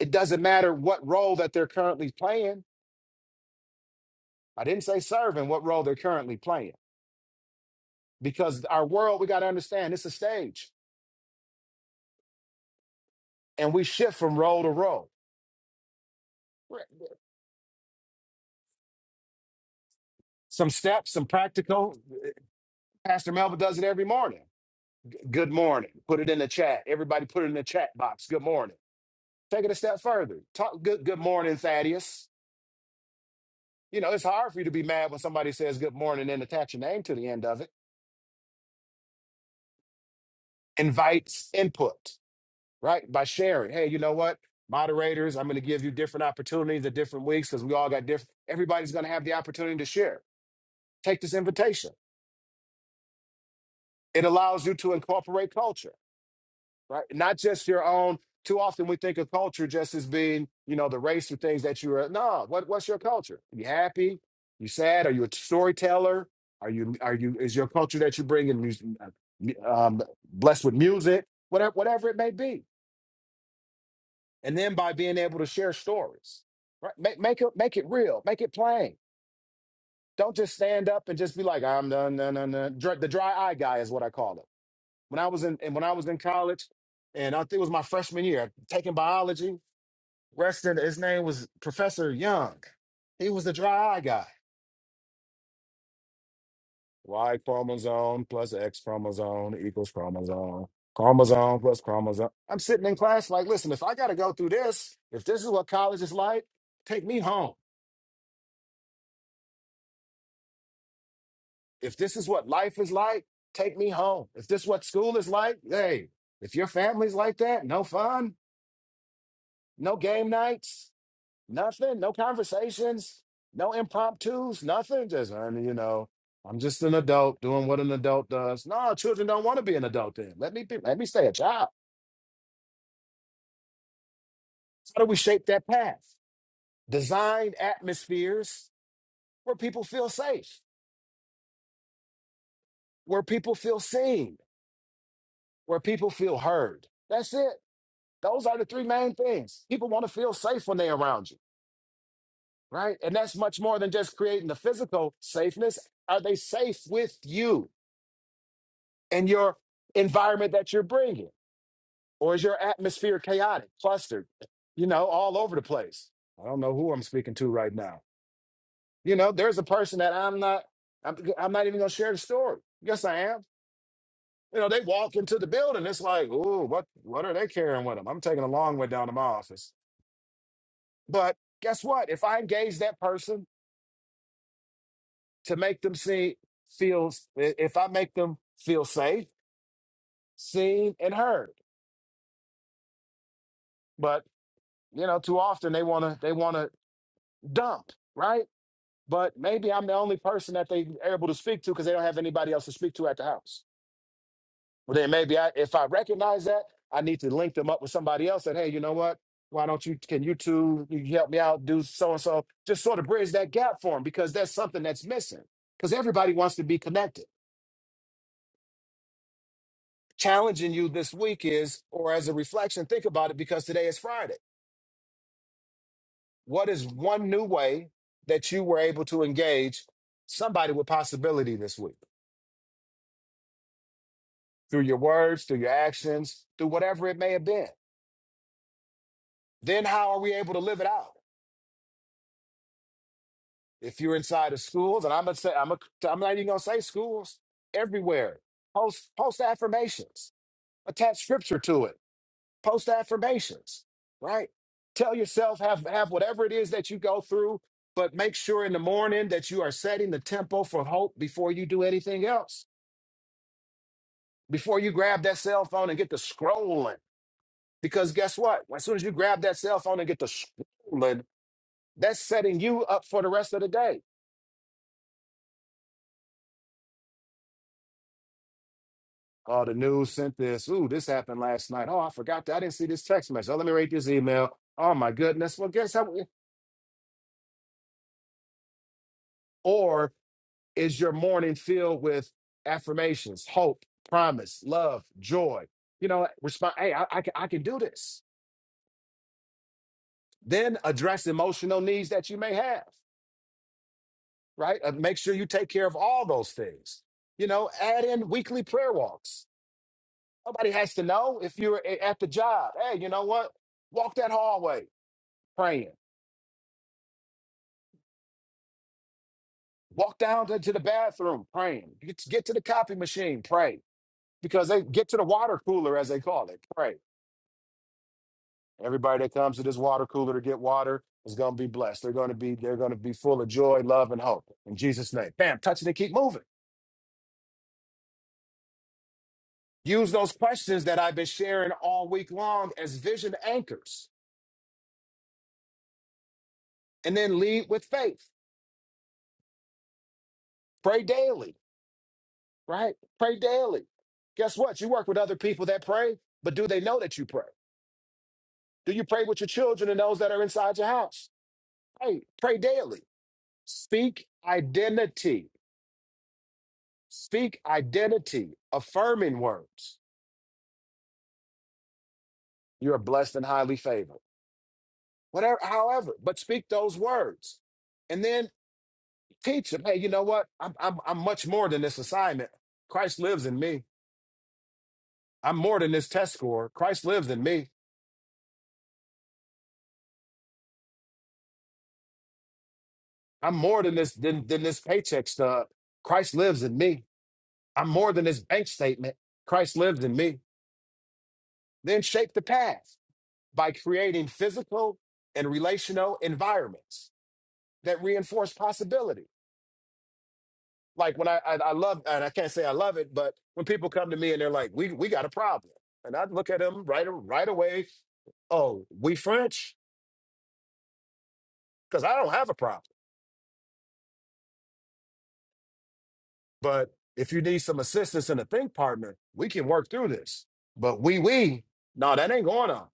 Speaker 4: It doesn't matter what role that they're currently playing. I didn't say serving, what role they're currently playing. Because our world, we got to understand it's a stage and we shift from role to role. Some steps, some practical. Pastor Melvin does it every morning. Good morning. Put it in the chat. Everybody put it in the chat box. Good morning. Take it a step further. Talk good good morning, Thaddeus You know, it's hard for you to be mad when somebody says good morning and attach your name to the end of it. Invites input, right? By sharing. Hey, you know what? Moderators, I'm going to give you different opportunities at different weeks because we all got different. Everybody's going to have the opportunity to share. Take this invitation. It allows you to incorporate culture. right? Not just your own. Too often we think of culture just as being, you know, the race or things that you are. No, what, what's your culture? you happy? You sad? Are you a storyteller? Are you are you is your culture that you bring in mus- uh, mu- um, blessed with music? Whatever whatever it may be, and then by being able to share stories, right? Make make it make it real, make it plain. Don't just stand up and just be like I'm done, done, done, done. Dr- The dry eye guy is what I call it when I was in and when I was in college, and I think it was my freshman year, taking biology. Reston, his name was Professor Young. He was the dry eye guy. Y chromosome plus X chromosome equals chromosome. Chromosome plus chromosome. I'm sitting in class like, listen, if I gotta go through this, if this is what college is like, take me home. If this is what life is like, take me home. If this is what school is like, hey, if your family's like that, no fun, no game nights, Nothing, no conversations, no impromptus, nothing. Just, I mean, you know, I'm just an adult doing what an adult does. No, children don't want to be an adult then. Let me be, let me stay a child. How do we shape that path? Design atmospheres where people feel safe, where people feel seen, where people feel heard. That's it. Those are the three main things. People want to feel safe when they're around you, right? And that's much more than just creating the physical safeness. Are they safe with you? and your environment that you're bringing? Or is your atmosphere chaotic, clustered, you know, all over the place? I don't know who I'm speaking to right now. You know, there's a person that I'm not, I'm, I'm not even going to share the story. Yes, I am. You know, they walk into the building. It's like, ooh, what, what are they carrying with them? I'm taking a long way down to my office. But guess what? If I engage that person to make them see, feel, if I make them feel safe, seen, and heard, but you know, too often they wanna, they wanna dump, right? But maybe I'm the only person that they are able to speak to because they don't have anybody else to speak to at the house. Well, then maybe I, if I recognize that, I need to link them up with somebody else. That hey, you know what? Why don't you? Can you two you help me out? Do so and so. Just sort of bridge that gap for them because that's something that's missing. Because everybody wants to be connected. Challenging you this week is, or as a reflection, think about it because today is Friday. What is one new way that you were able to engage somebody with possibility this week? through your words, through your actions, through whatever it may have been. Then how are we able to live it out? If you're inside of schools, and I'm gonna say, I'm, gonna I'm not even gonna say schools, everywhere. Post post affirmations, attach scripture to it. Post affirmations, right? Tell yourself, have have whatever it is that you go through, but make sure in the morning that you are setting the tempo for hope before you do anything else. Before you grab that cell phone and get to scrolling, because guess what? As soon as you grab that cell phone and get to scrolling That's setting you up for the rest of the day. Oh, the news sent this. Ooh, this happened last night. Oh, I forgot that. I didn't see this text message. Oh, let me read this email. Oh my goodness. Well, guess how? Or is your morning filled with affirmations, hope, promise, love, joy? You know, respond. Hey, I, I can I can do this. Then address emotional needs that you may have. Right. Uh, make sure you take care of all those things. You know, add in weekly prayer walks Nobody has to know if you're a- at the job. Hey, you know what? Walk that hallway praying. Walk down to, to the bathroom praying. Get to, get to the copy machine, pray. Because they get to the water cooler, as they call it, pray. Everybody that comes to this water cooler to get water is going to be blessed. They're going to be they're going to be full of joy, love, and hope in Jesus' name. Bam, touch it and keep moving. Use those questions that I've been sharing all week long as vision anchors, and then lead with faith. Pray daily. right? Pray daily. Guess what? You work with other people that pray, but do they know that you pray? Do you pray with your children and those that are inside your house? Hey, pray daily. Speak identity. Speak identity, affirming words. You are blessed and highly favored. Whatever, however, but speak those words. And then teach them, hey, you know what? I'm, I'm, I'm much more than this assignment. Christ lives in me. I'm more than this test score. Christ lives in me. I'm more than this than, than this paycheck stub. Christ lives in me. I'm more than this bank statement. Christ lives in me. Then shape the path by creating physical and relational environments that reinforce possibility. Like when I, I I love and I can't say I love it, but when people come to me and they're like, "We we got a problem," and I look at them right right away. Oh, we French because I don't have a problem. But if you need some assistance and a think partner, we can work through this. But we, we, no, that ain't going on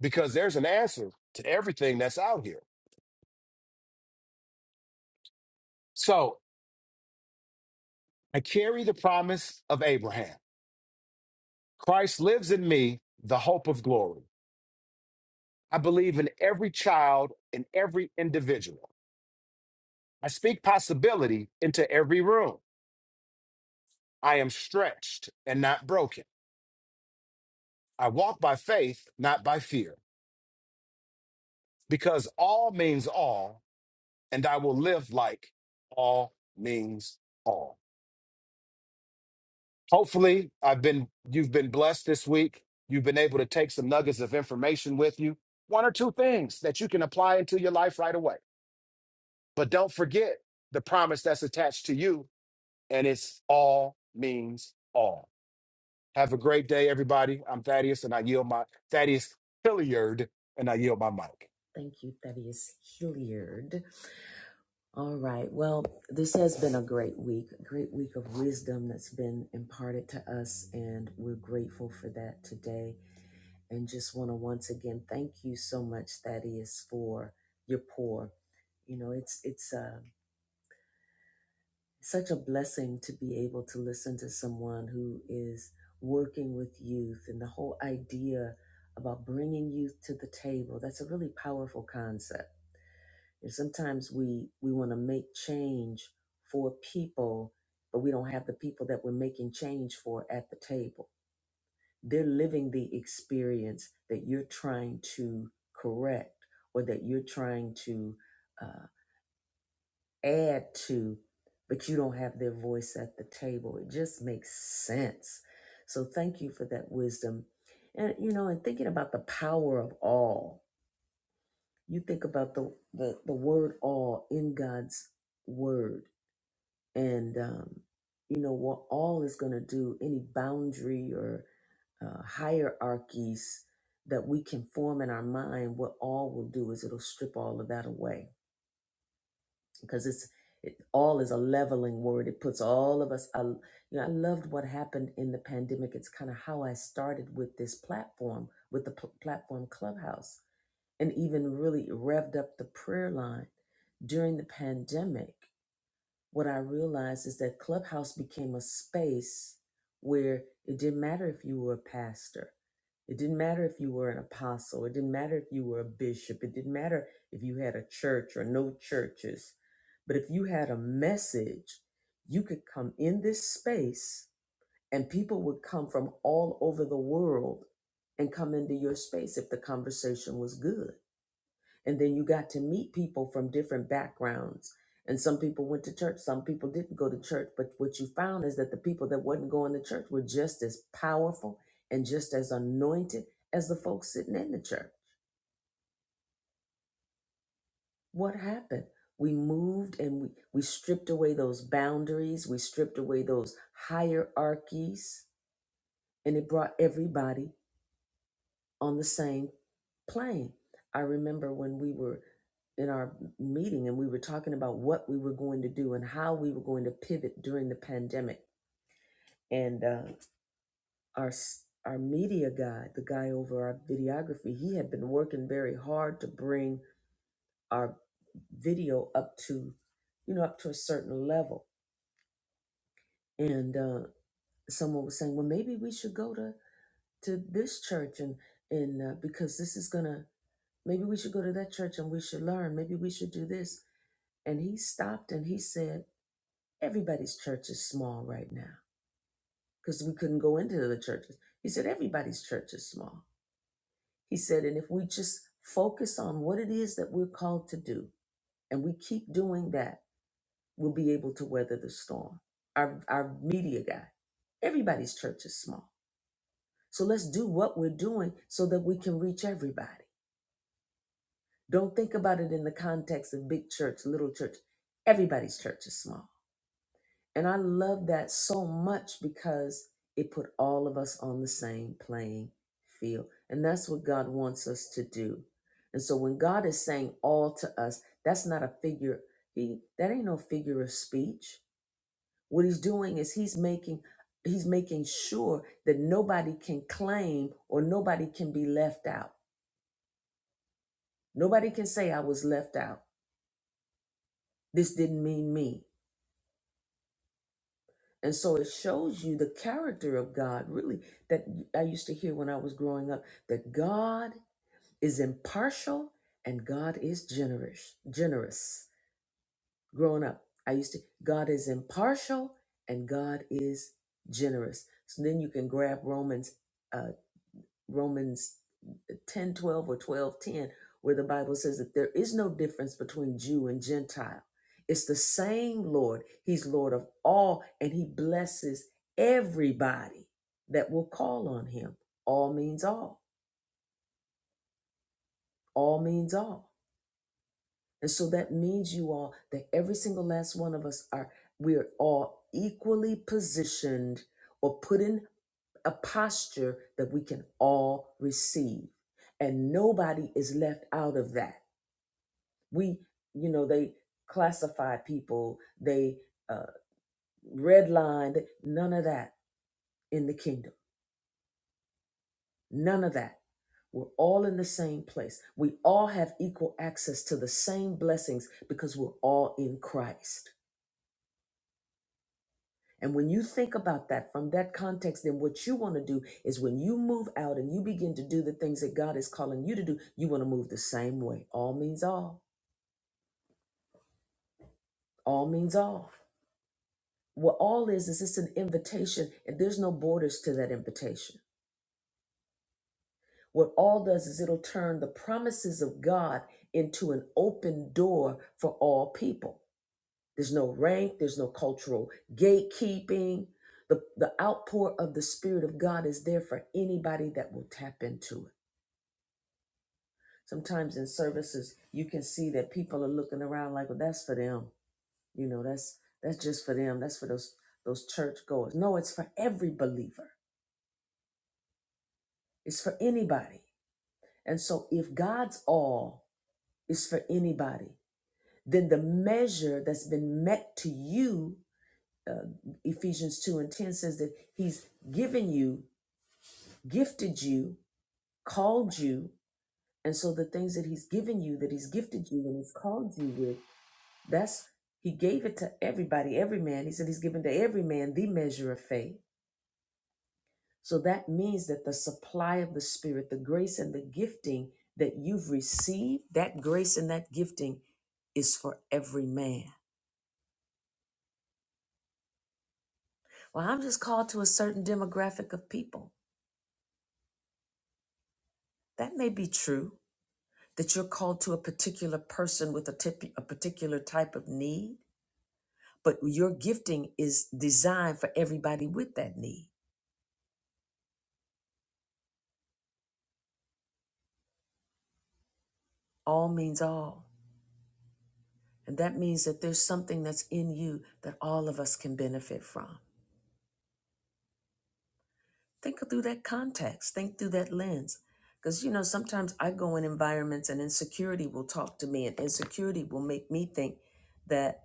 Speaker 4: because there's an answer to everything that's out here. So I carry the promise of Abraham. Christ lives in me, the hope of glory. I believe in every child and every individual. I speak possibility into every room. I am stretched and not broken. I walk by faith, not by fear, because all means all and I will live like all means all. Hopefully, I've been you've been blessed this week. You've been able to take some nuggets of information with you, one or two things that you can apply into your life right away. But don't forget the promise that's attached to you, and it's all means all. Have a great day, everybody. I'm Thaddeus, and I yield my Thaddeus Hilliard, and I yield my mic.
Speaker 1: Thank you, Thaddeus Hilliard. All right. Well, this has been a great week, a great week of wisdom that's been imparted to us, and we're grateful for that today. And just want to once again thank you so much, Thaddeus, for your pour. You know, it's it's uh, such a blessing to be able to listen to someone who is working with youth, and the whole idea about bringing youth to the table. That's a really powerful concept and sometimes we we want to make change for people, but we don't have the people that we're making change for at the table. They're living the experience that you're trying to correct or that you're trying to uh, add to, but you don't have their voice at the table. It just makes sense. So thank you for that wisdom. And you know, and thinking about the power of all, you think about the the, the word all in God's word and um, you know what all is going to do any boundary or uh, hierarchies that we can form in our mind what all will do is it'll strip all of that away because it's it, all is a leveling word it puts all of us I, you know i loved what happened in the pandemic it's kind of how i started with this platform with the pl- platform clubhouse and even really revved up the prayer line during the pandemic what I realized is that Clubhouse became a space where it didn't matter if you were a pastor, it didn't matter if you were an apostle, it didn't matter if you were a bishop, it didn't matter if you had a church or no churches. But if you had a message, you could come in this space and people would come from all over the world and come into your space if the conversation was good and then you got to meet people from different backgrounds and some people went to church some people didn't go to church but what you found is that the people that wasn't going to church were just as powerful and just as anointed as the folks sitting in the church what happened we moved and we, we stripped away those boundaries we stripped away those hierarchies and it brought everybody on the same plane. I remember when we were in our meeting and we were talking about what we were going to do and how we were going to pivot during the pandemic. And uh, our s- our media guy, the guy over our videography, he had been working very hard to bring our video up to, you know, up to a certain level. And uh, someone was saying, well, maybe we should go to to this church and and uh, because this is gonna Maybe we should go to that church and we should learn. Maybe we should do this. And he stopped and he said, Everybody's church is small right now because we couldn't go into the churches. He said, Everybody's church is small. He said, And if we just focus on what it is that we're called to do and we keep doing that, we'll be able to weather the storm. Our, our media guy, everybody's church is small. So let's do what we're doing so that we can reach everybody. Don't think about it in the context of big church, little church. Everybody's church is small. And I love that so much because it put all of us on the same playing field. And that's what God wants us to do. And so when God is saying all to us, that's not a figure. He that ain't no figure of speech. What he's doing is he's making he's making sure that nobody can claim or nobody can be left out. Nobody can say I was left out. This didn't mean me. And so it shows you the character of God, really, that I used to hear when I was growing up that God is impartial and God is generous. Generous. Growing up, I used to, God is impartial and God is generous. So then you can grab Romans, uh, Romans 10, 12, or 12, 10, where the bible says that there is no difference between jew and gentile it's the same lord he's lord of all and he blesses everybody that will call on him all means all all means all and so that means you all that every single last one of us are we're all equally positioned or put in a posture that we can all receive and nobody is left out of that we you know they classified people they uh, redlined none of that in the kingdom none of that we're all in the same place we all have equal access to the same blessings because we're all in christ and when you think about that from that context then what you want to do is when you move out and you begin to do the things that god is calling you to do you want to move the same way all means all all means all What all is is it's an invitation, and there's no borders to that invitation. What all does is it'll turn the promises of God into an open door for all people. There's no rank, there's no cultural gatekeeping. The, the outpour of the Spirit of God is there for anybody that will tap into it. Sometimes in services, you can see that people are looking around like, well, that's for them. You know, that's that's just for them. That's for those those churchgoers. No, it's for every believer It's for anybody. And so if God's all is for anybody, then the measure that's been met to you, Ephesians 2 and 10 says that he's given you, gifted you, called you. And so the things that he's given you, that he's gifted you and he's called you with, that's he gave it to everybody, every man. He said he's given to every man the measure of faith. So that means that the supply of the Spirit, the grace and the gifting that you've received, that grace and that gifting is for every man. Well, I'm just called to a certain demographic of people. That may be true, that you're called to a particular person with a, tip, a particular type of need, but your gifting is designed for everybody with that need. All means all. And that means that there's something that's in you that all of us can benefit from. Think through that context, think through that lens. Because, you know, sometimes I go in environments and insecurity will talk to me, and insecurity will make me think that,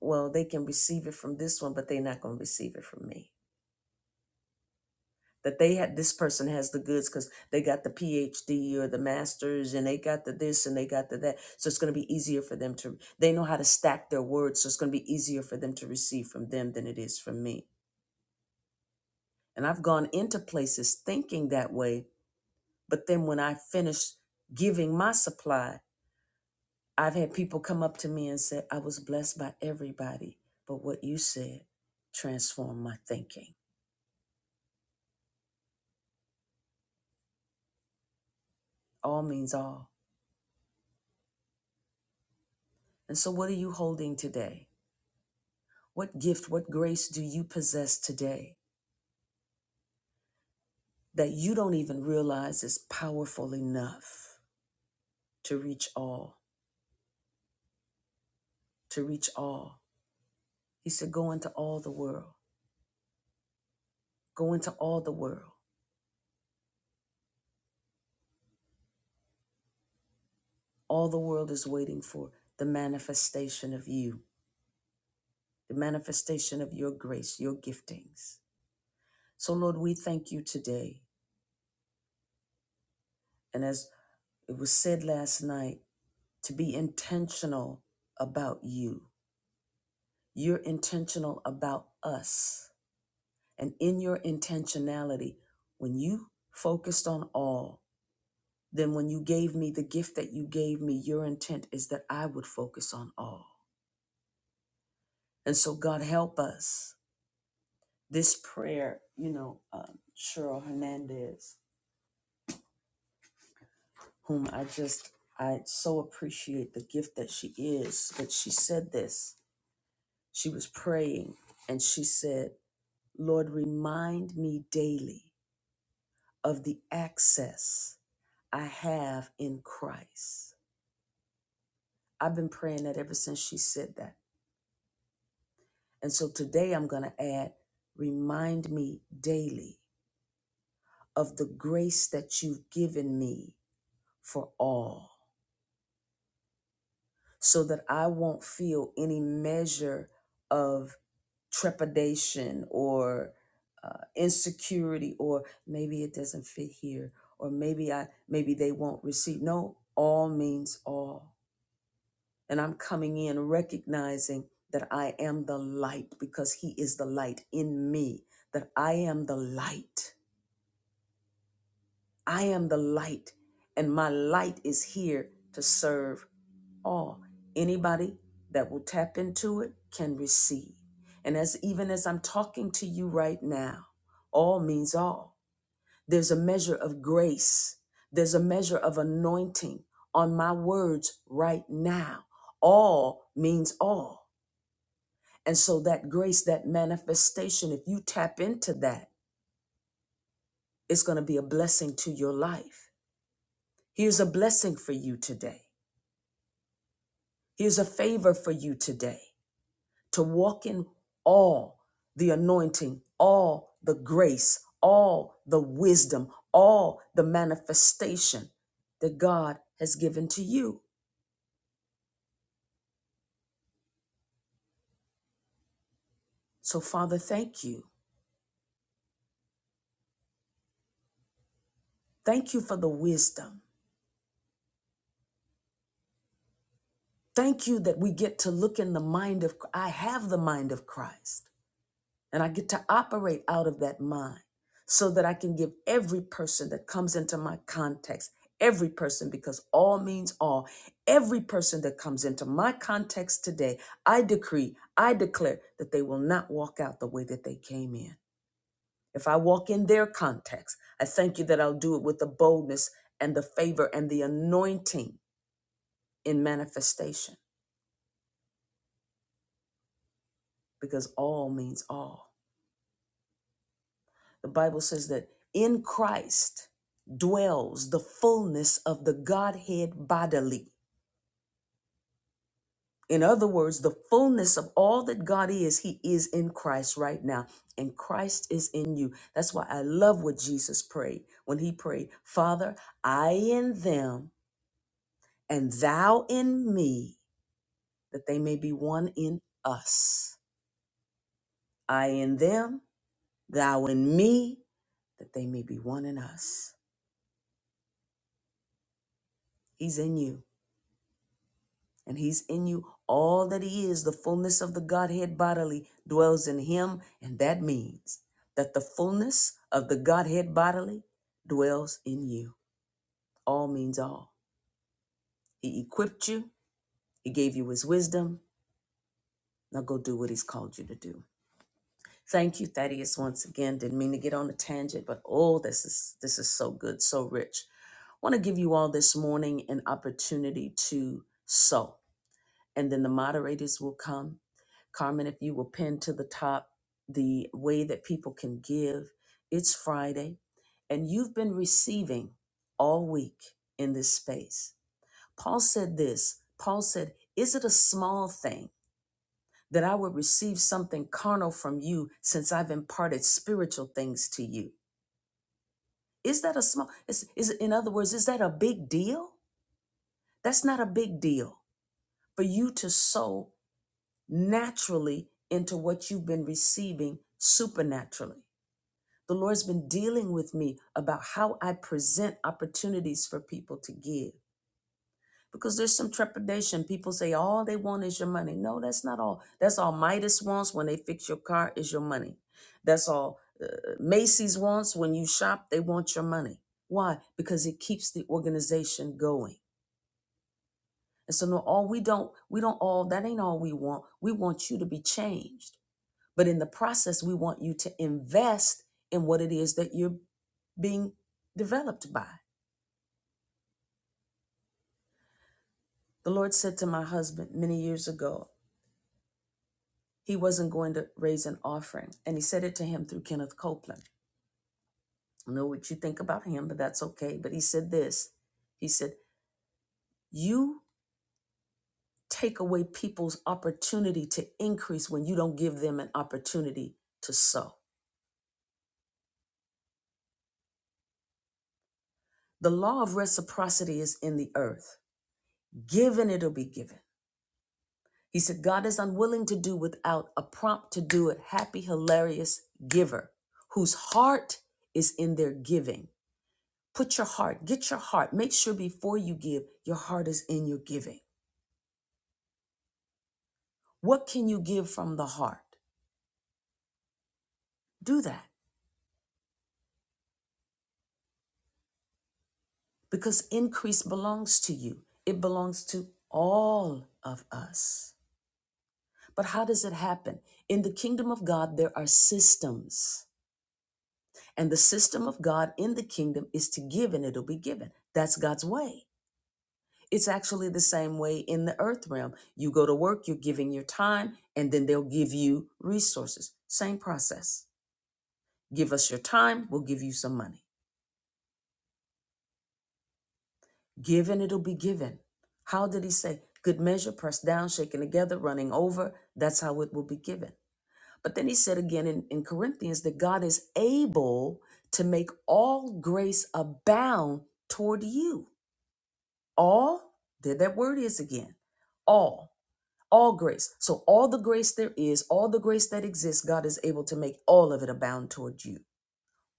Speaker 1: well, they can receive it from this one, but they're not going to receive it from me. That they had this person has the goods because they got the PhD or the master's and they got the this and they got the that. So it's going to be easier for them to, they know how to stack their words. So it's going to be easier for them to receive from them than it is from me. And I've gone into places thinking that way But then when I finished giving my supply, I've had people come up to me and say, I was blessed by everybody, but what you said transformed my thinking. All means all. And so, what are you holding today? What gift, what grace do you possess today that you don't even realize is powerful enough to reach all? To reach all. He said, Go into all the world. Go into all the world. All the world is waiting for the manifestation of you the manifestation of your grace, your giftings. So, Lord, we thank you today. And as it was said last night, to be intentional about you. You're intentional about us. And in your intentionality, when you focused on all, then when you gave me the gift that you gave me, your intent is that I would focus on all. And so, God, help us. This prayer, you know, um, Cheryl Hernandez, whom I just, I so appreciate the gift that she is. But she said this. She was praying and she said, Lord, remind me daily of the access I have in Christ. I've been praying that ever since she said that. And so today I'm going to add, remind me daily of the grace that you've given me for all. so that I won't feel any measure of trepidation or uh, insecurity or maybe it doesn't fit here or maybe I maybe they won't receive. No, all means all. And I'm coming in recognizing that I am the light because he is the light in me, that I am the light. I am the light, and my light is here to serve all. Anybody that will tap into it can receive. And as even as I'm talking to you right now, all means all. There's a measure of grace, there's a measure of anointing on my words right now. All means all. And so that grace, that manifestation, if you tap into that, it's going to be a blessing to your life. He is a blessing for you today. He is a favor for you today to walk in all the anointing, all the grace, all the wisdom, all the manifestation that God has given to you. So, Father, thank you. Thank you for the wisdom. Thank you that we get to look in the mind of, I have the mind of Christ. And I get to operate out of that mind so that I can give every person that comes into my context, every person, because all means all, every person that comes into my context today, I decree, I declare that they will not walk out the way that they came in. If I walk in their context, I thank you that I'll do it with the boldness and the favor and the anointing in manifestation, because all means all. The Bible says that in Christ dwells the fullness of the Godhead bodily. In other words, the fullness of all that God is, He is in Christ right now, and Christ is in you. That's why I love what Jesus prayed when He prayed, Father, I in them and Thou in me, that they may be one in us. I in them, Thou in me, that they may be one in us. He's in you. and he's in you. All that he is, the fullness of the Godhead bodily, dwells in him, and that means that the fullness of the Godhead bodily dwells in you. All means all. He equipped you, he gave you his wisdom. Now go do what he's called you to do. Thank you, Thaddeus, once again. Didn't mean to get on a tangent, but oh, this is this is so good, so rich. want to give you all this morning an opportunity to sow. and then the moderators will come. Carmen, if you will pin to the top the way that people can give, it's Friday, and you've been receiving all week in this space. Paul said this Paul said, Is it a small thing that I would receive something carnal from you since I've imparted spiritual things to you? Is that a small, is, is, in other words, is that a big deal? That's not a big deal for you to sow naturally into what you've been receiving supernaturally. The Lord's been dealing with me about how I present opportunities for people to give because there's some trepidation. People say all they want is your money. No, that's not all. That's all Midas wants when they fix your car is your money. That's all uh, Macy's wants when you shop, they want your money. Why? Because it keeps the organization going. And so no, all we don't, we don't all, that ain't all we want. We want you to be changed. But in the process, we want you to invest in what it is that you're being developed by. The Lord said to my husband many years ago, he wasn't going to raise an offering. And he said it to him through Kenneth Copeland. I know what you think about him, but that's okay. But he said this He said, You take away people's opportunity to increase when you don't give them an opportunity to sow. The law of reciprocity is in the earth. Given, it'll be given. He said, God is unwilling to do without a prompt to do it, happy, hilarious giver whose heart is in their giving. Put your heart, get your heart. Make sure before you give, your heart is in your giving. What can you give from the heart? Do that because increase belongs to you, it belongs to all of us. But how does it happen? In the kingdom of God, there are systems. And the system of God in the kingdom is to give and it'll be given. That's God's way. It's actually the same way in the earth realm. You go to work, you're giving your time, and then they'll give you resources. Same process. Give us your time, we'll give you some money. Give and it'll be given. How did he say? Good measure, pressed down, shaken together, running over. That's how it will be given. But then he said again in, in Corinthians that God is able to make all grace abound toward you. All, there that word is again. All All grace. So, all the grace there is, all the grace that exists, God is able to make all of it abound toward you.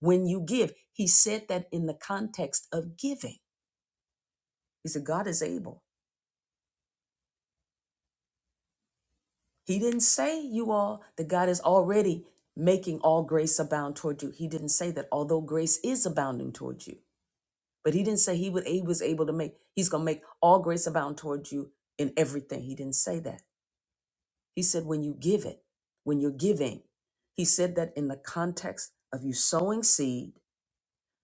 Speaker 1: When you give, He said that in the context of giving. He said, God is able. He didn't say, you all, that God is already making all grace abound toward you. He didn't say that, although grace is abounding toward you. But He didn't say He, would, he was able to make, He's going to make all grace abound toward you in everything. He didn't say that. He said, when you give it, when you're giving, he said that in the context of you sowing seed,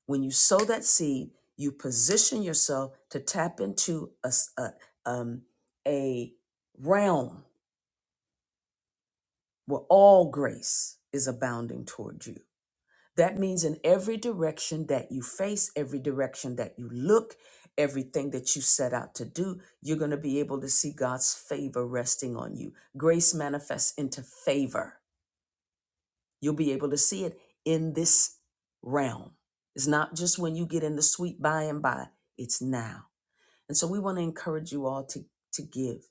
Speaker 1: when you sow that seed, you position yourself to tap into a, s- a, um, a realm where all grace is abounding toward you. That means in every direction that you face, every direction that you look, everything that you set out to do, you're going to be able to see God's favor resting on you. Grace manifests into favor You'll be able to see it in this realm. It's not just when you get in the sweet by and by, it's now. And so we want to encourage you all to, to give,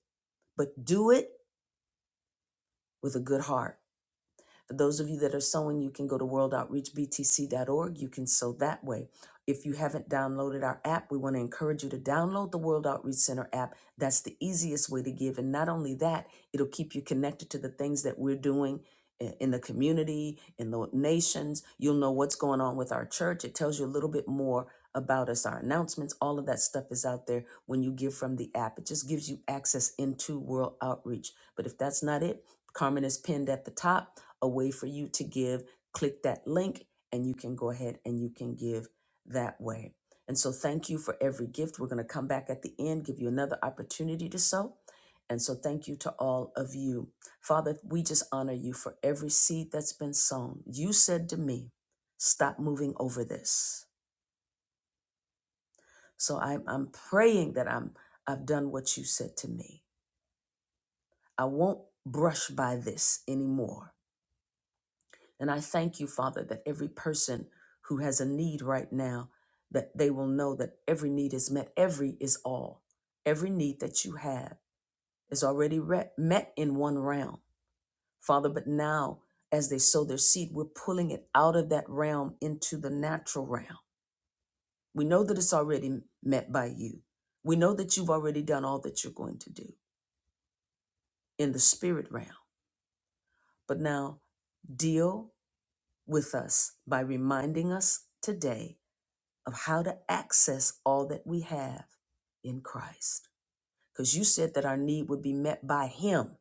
Speaker 1: but do it with a good heart for those of you that are sewing, you can go to worldoutreachbtc.org. You can sew that way. If you haven't downloaded our app, we want to encourage you to download the World Outreach Center app. That's the easiest way to give. And not only that, it'll keep you connected to the things that we're doing in the community, in the nations. You'll know what's going on with our church. It tells you a little bit more about us, our announcements, all of that stuff is out there when you give from the app. It just gives you access into World Outreach. But if that's not it, Carmen is pinned at the top a way for you to give. Click that link and you can go ahead and you can give that way. And so thank you for every gift. We're going to come back at the end, give you another opportunity to sow. And so thank you to all of you. Father, we just honor you for every seed that's been sown. You said to me, stop moving over this. So I'm, I'm praying that I'm I've done what you said to me. I won't brush by this anymore. And I thank you, Father, that every person who has a need right now, that they will know that every need is met. Every is all. Every need that you have is already re- met in one realm, Father. But now, as they sow their seed, we're pulling it out of that realm into the natural realm. We know that it's already met by you. We know that you've already done all that you're going to do in the spirit realm. But now, deal with us by reminding us today of how to access all that we have in Christ. Because you said that our need would be met by Him,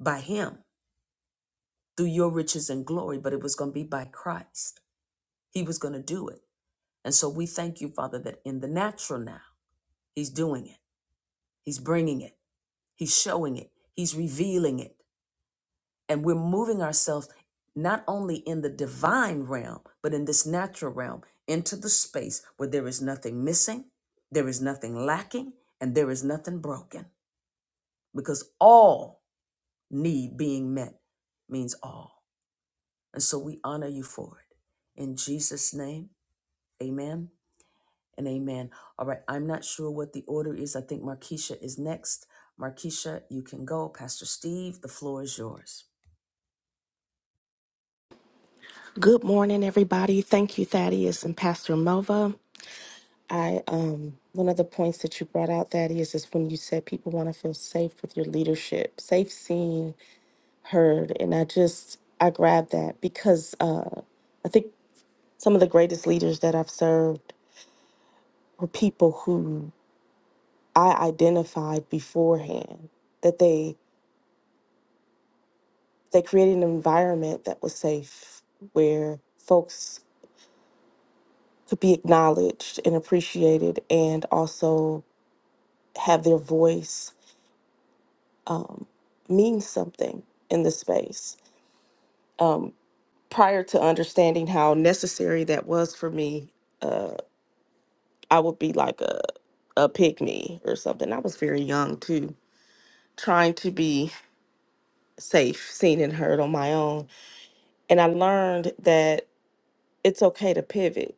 Speaker 1: by Him, through your riches and glory, but it was going to be by Christ. He was going to do it. And so we thank you, Father, that in the natural now, He's doing it. He's bringing it. He's showing it. He's revealing it. and we're moving ourselves not only in the divine realm but in this natural realm into the space where there is nothing missing there is nothing lacking and there is nothing broken because all need being met means all and so we honor you for it in jesus name amen and amen all right i'm not sure what the order is i think markeisha is next markeisha you can go pastor steve the floor is yours
Speaker 3: Good morning, everybody. Thank you, Thaddeus and Pastor Melva. I um one of the points that you brought out, Thaddeus, is when you said people want to feel safe with your leadership, safe seen, heard. And I just I grabbed that because uh I think some of the greatest leaders that I've served were people who I identified beforehand that they they created an environment that was safe where folks to be acknowledged and appreciated and also have their voice um, mean something in the space. Um, prior to understanding how necessary that was for me, uh, I would be like a, a pick me or something. I was very young too, trying to be safe, seen, and heard on my own. And I learned that it's okay to pivot,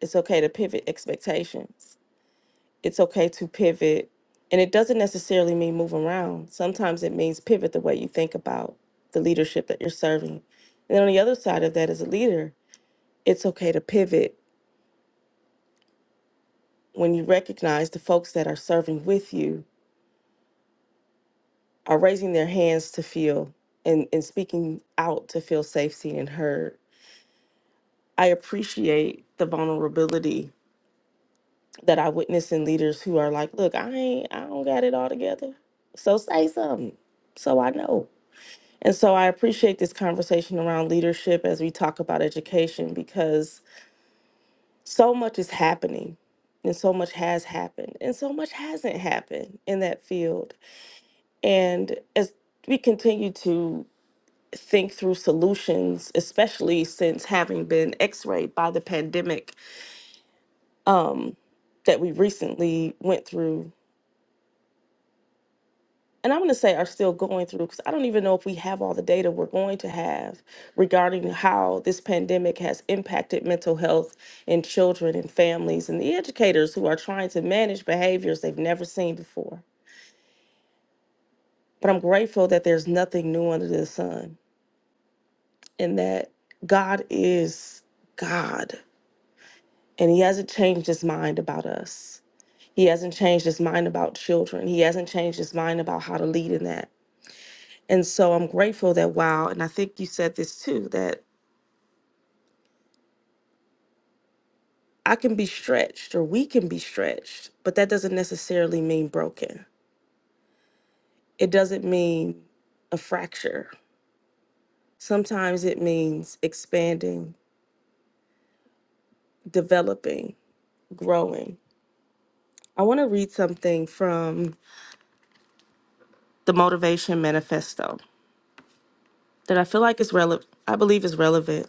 Speaker 3: it's okay to pivot expectations it's okay to pivot. And it doesn't necessarily mean move around. Sometimes it means pivot the way you think about the leadership that you're serving. And then on the other side of that, as a leader, it's okay to pivot when you recognize the folks that are serving with you are raising their hands to feel and, and speaking out to feel safe, seen, and heard. I appreciate the vulnerability that I witness in leaders who are like, look, I ain't I don't got it all together. So say something. So I know. And so I appreciate this conversation around leadership as we talk about education because so much is happening and so much has happened and so much hasn't happened in that field. And as we continue to think through solutions, especially since having been x rayed by the pandemic um, that we recently went through and I'm going to say are still going through because I don't even know if we have all the data we're going to have regarding how this pandemic has impacted mental health in children and families and the educators who are trying to manage behaviors they've never seen before. But I'm grateful that there's nothing new under the sun and that God is God and He hasn't changed His mind about us. He hasn't changed His mind about children. He hasn't changed His mind about how to lead in that. And so I'm grateful that wow, and I think you said this too, that I can be stretched or we can be stretched, but that doesn't necessarily mean broken. It doesn't mean a fracture. Sometimes it means expanding, developing, growing. I want to read something from the Motivation Manifesto that I feel like is relevant, I believe is relevant.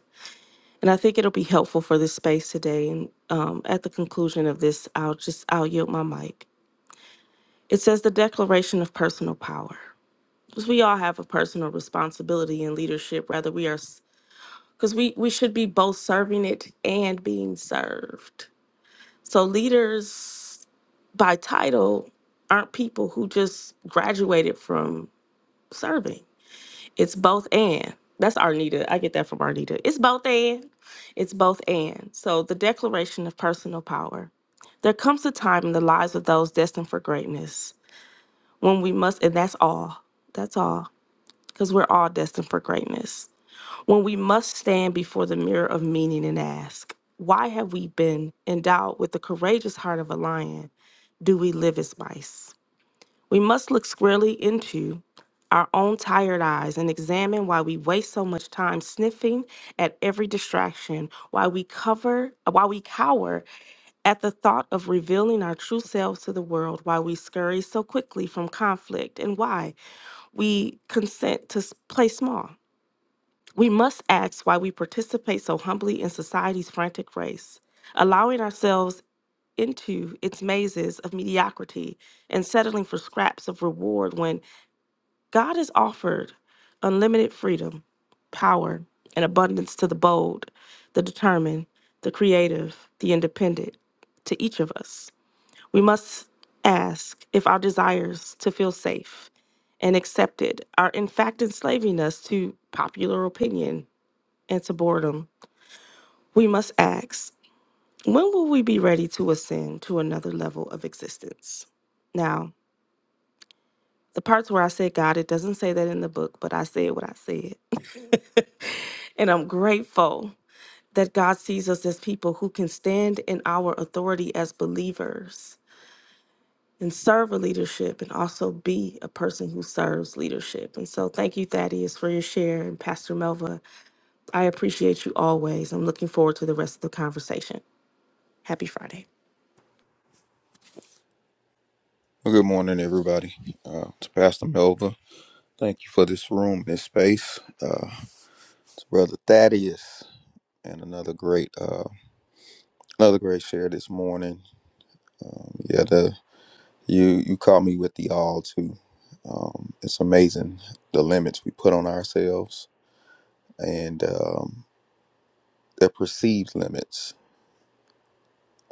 Speaker 3: And I think it'll be helpful for this space today. And um, at the conclusion of this, I'll just, I'll yield my mic. It says the declaration of personal power. Because we all have a personal responsibility in leadership, rather we are because we, we should be both serving it and being served. So leaders by title aren't people who just graduated from serving. It's both and. That's Arnita. I get that from Arnita. It's both and. It's both and. So the declaration of personal power. There comes a time in the lives of those destined for greatness when we must, and that's all, that's all, because we're all destined for greatness. When we must stand before the mirror of meaning and ask, why have we been endowed with the courageous heart of a lion? Do we live as mice? We must look squarely into our own tired eyes and examine why we waste so much time sniffing at every distraction, why we cover, why we cower at the thought of revealing our true selves to the world, why we scurry so quickly from conflict, and why we consent to s- play small. We must ask why we participate so humbly in society's frantic race, allowing ourselves into its mazes of mediocrity and settling for scraps of reward when God has offered unlimited freedom, power, and abundance to the bold, the determined, the creative, the independent, to each of us. We must ask if our desires to feel safe and accepted are in fact enslaving us to popular opinion and to boredom. We must ask, when will we be ready to ascend to another level of existence? Now, the parts where I said God, it doesn't say that in the book, but I said what I said. and I'm grateful that God sees us as people who can stand in our authority as believers and serve a leadership and also be a person who serves leadership. And so thank you, Thaddeus, for your share. And Pastor Melva, I appreciate you always. I'm looking forward to the rest of the conversation. Happy Friday.
Speaker 2: Good morning, everybody. Uh, to Pastor Melva, thank you for this room, this space. Uh, to Brother Thaddeus, and another great, uh, another great share this morning. Um, yeah, the, you you caught me with the all too. Um, it's amazing the limits we put on ourselves, and um, the perceived limits,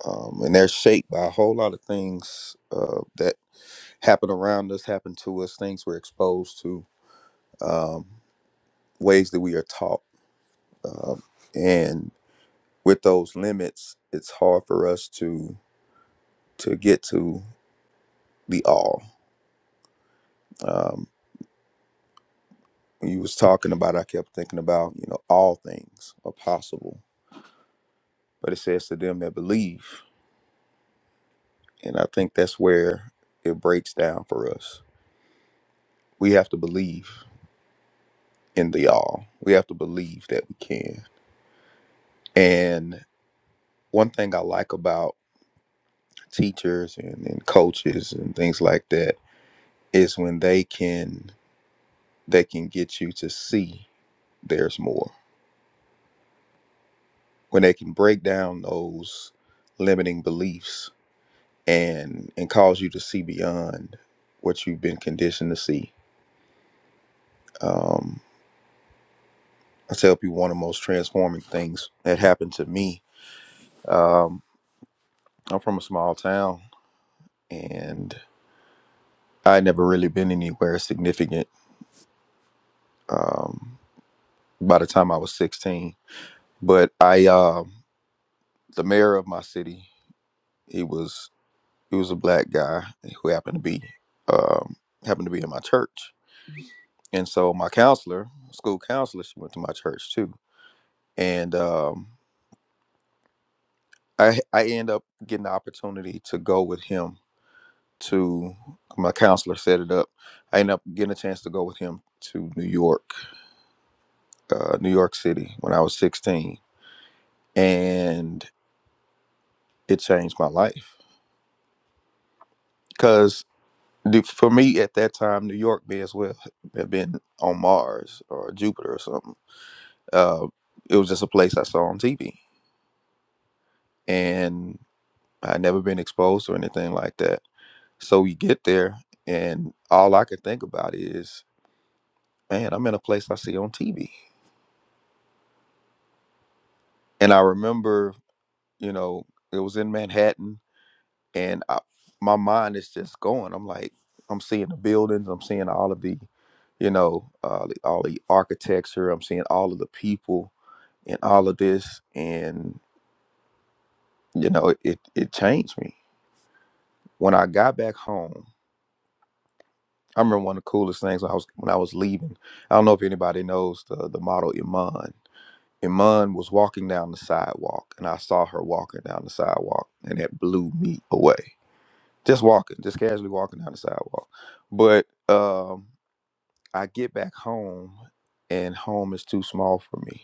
Speaker 2: um, and they're shaped by a whole lot of things uh, that happen around us, happen to us, things we're exposed to. Um, ways that we are taught um, and with those limits it's hard for us to to get to the all um, when you was talking about i kept thinking about you know all things are possible but it says to them that believe and i think that's where it breaks down for us we have to believe in the all we have to believe that we can and one thing i like about teachers and, and coaches and things like that is when they can that can get you to see there's more. When they can break down those limiting beliefs and and cause you to see beyond what you've been conditioned to see. Um, I tell people one of the most transforming things that happened to me. Um, I'm from a small town, and I had never really been anywhere significant. Um, by the time I was 16, but I um the mayor of my city. He was He was a black guy who happened to be um, happened to be in my church, and so my counselor, school counselor, she went to my church too, and um, I I end up getting the opportunity to go with him to my counselor set it up. I end up getting a chance to go with him to New York, uh, New York City when I was 16, and it changed my life because for me at that time, New York may as well have been on Mars or Jupiter or something Uh, it was just a place I saw on TV, and I'd never been exposed or anything like that. So we get there, and all I could think about is, man, I'm in a place I see on TV. And I remember, you know, it was in Manhattan, and I, my mind is just going. I'm like, I'm seeing the buildings, I'm seeing all of the, you know, uh, the, all the architecture, I'm seeing all of the people, and all of this, and you know, it it changed me when I got back home. I remember one of the coolest things when I was when I was leaving. I don't know if anybody knows the the model Iman. Iman was walking down the sidewalk, and I saw her walking down the sidewalk, and it blew me away. Just walking, just casually walking down the sidewalk. But um, I get back home, and home is too small for me.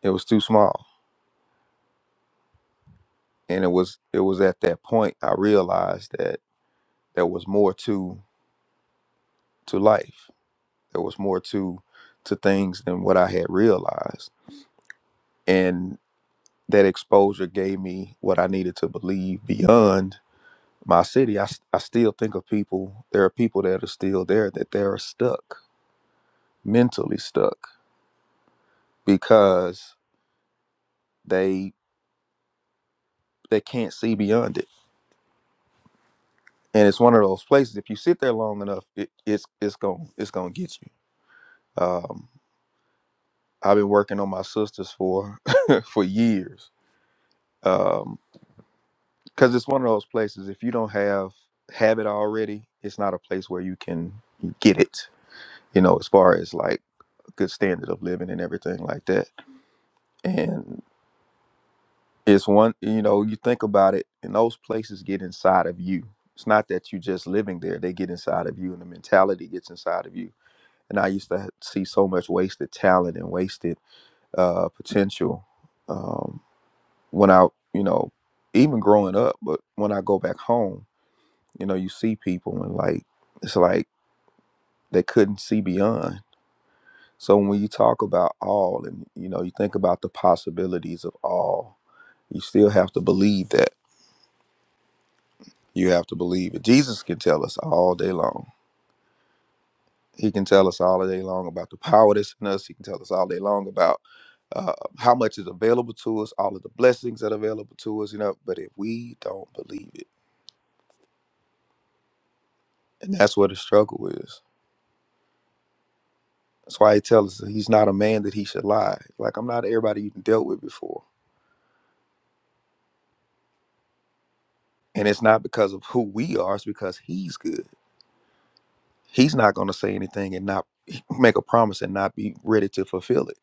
Speaker 2: It was too small, and it was it was at that point I realized that there was more to to life. There was more to to things than what I had realized and that exposure gave me what I needed to believe beyond my city. I, s- I still think of people, there are people that are still there that they're stuck, mentally stuck, because they they can't see beyond it. And it's one of those places, if you sit there long enough, it, it's it's going it's gonna get you. Um, I've been working on my sisters for for years. Um, because it's one of those places, if you don't have have it already, it's not a place where you can get it you know, as far as like a good standard of living and everything like that. And it's one, you know, you think about it, and those places get inside of you. It's not that you just living there, they get inside of you, and the mentality gets inside of you. And I used to see so much wasted talent and wasted uh, potential um, when I, you know, even growing up, but when I go back home, you know, you see people and like, it's like they couldn't see beyond So when you talk about all and you know, you think about the possibilities of all, you still have to believe that. You have to believe it. Jesus can tell us all day long. He can tell us all day long about the power that's in us. He can tell us all day long about uh, how much is available to us, all of the blessings that are available to us, you know. But if we don't believe it, and that's where the struggle is. That's why he tells us that he's not a man that he should lie. Like I'm not everybody you've dealt with before. And it's not because of who we are, it's because he's good he's not going to say anything and not make a promise and not be ready to fulfill it.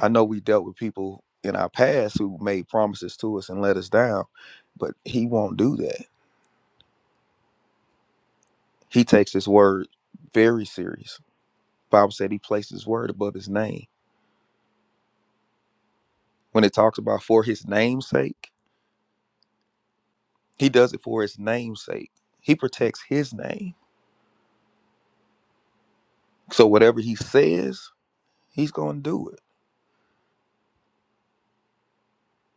Speaker 2: I know we dealt with people in our past who made promises to us and let us down, but he won't do that. He takes his word very serious. Bible said he placed his word above his name. When it talks about for his name's sake, he does it for his name's sake. He protects his name. So whatever he says, he's going to do it.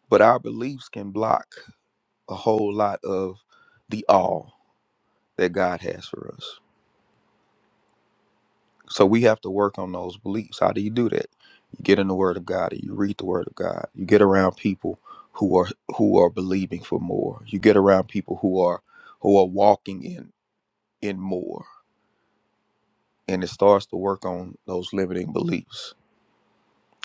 Speaker 2: But our beliefs can block a whole lot of the all that God has for us. So we have to work on those beliefs. How do you do that? You get in the Word of God and you read the Word of God. You get around people who are who are believing for more. You get around people who are who are walking in in more, and it starts to work on those limiting beliefs.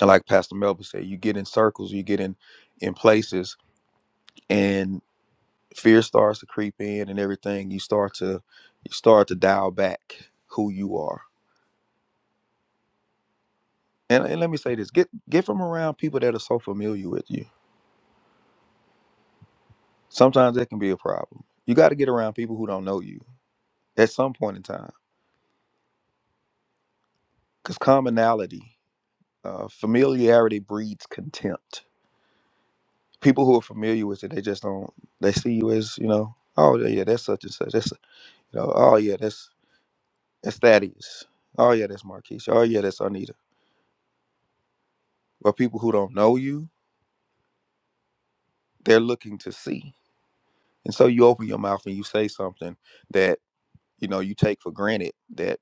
Speaker 2: And like Pastor Melba said, you get in circles, you get in in places, and fear starts to creep in, and everything. You start to you start to dial back who you are. And, and let me say this: get get from around people that are so familiar with you Sometimes that can be a problem. You got to get around people who don't know you at some point in time because commonality, uh, familiarity breeds contempt. People who are familiar with it, they just don't. They see you as you know. Oh yeah, yeah, that's such and such. That's you know. Oh yeah, that's that's Thaddeus. Oh yeah, that's Marquisha. Oh yeah, that's Anita. But people who don't know you, they're looking to see, and so you open your mouth and you say something that you know you take for granted that.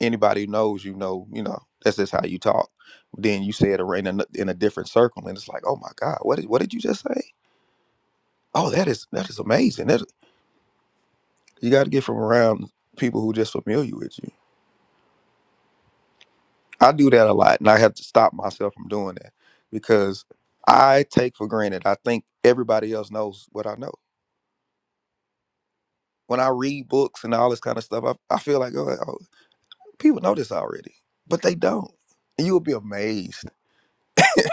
Speaker 2: anybody who knows you know you know that's just how you talk then you say it ar- in a, in a different circle and it's like oh my god what did, what did you just say oh that is that is amazing that you got to get from around people who just familiar with you i do that a lot and i have to stop myself from doing that because i take for granted i think everybody else knows what i know when i read books and all this kind of stuff i, I feel like oh, oh people know this already but they don't and you'll be amazed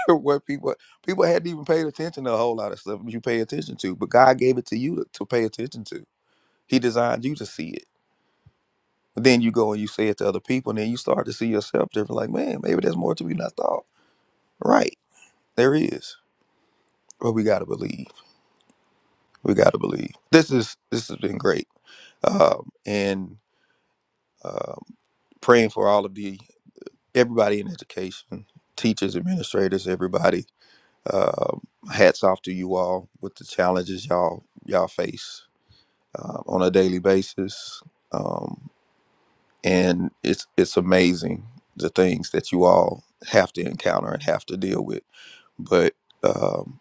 Speaker 2: what people people hadn't even paid attention to a whole lot of stuff you pay attention to, but God gave it to you to, to pay attention to. He designed you to see it. But then you go and you say it to other people, and then you start to see yourself different. Like, man, maybe there's more to me than I thought. Right? There is, but we gotta believe. We gotta believe. This is this has been great. Um, and um, praying for all of the everybody in education, teachers, administrators, everybody. Um, hats off to you all with the challenges y'all y'all face uh, on a daily basis, um, and it's it's amazing the things that you all have to encounter and have to deal with. But um,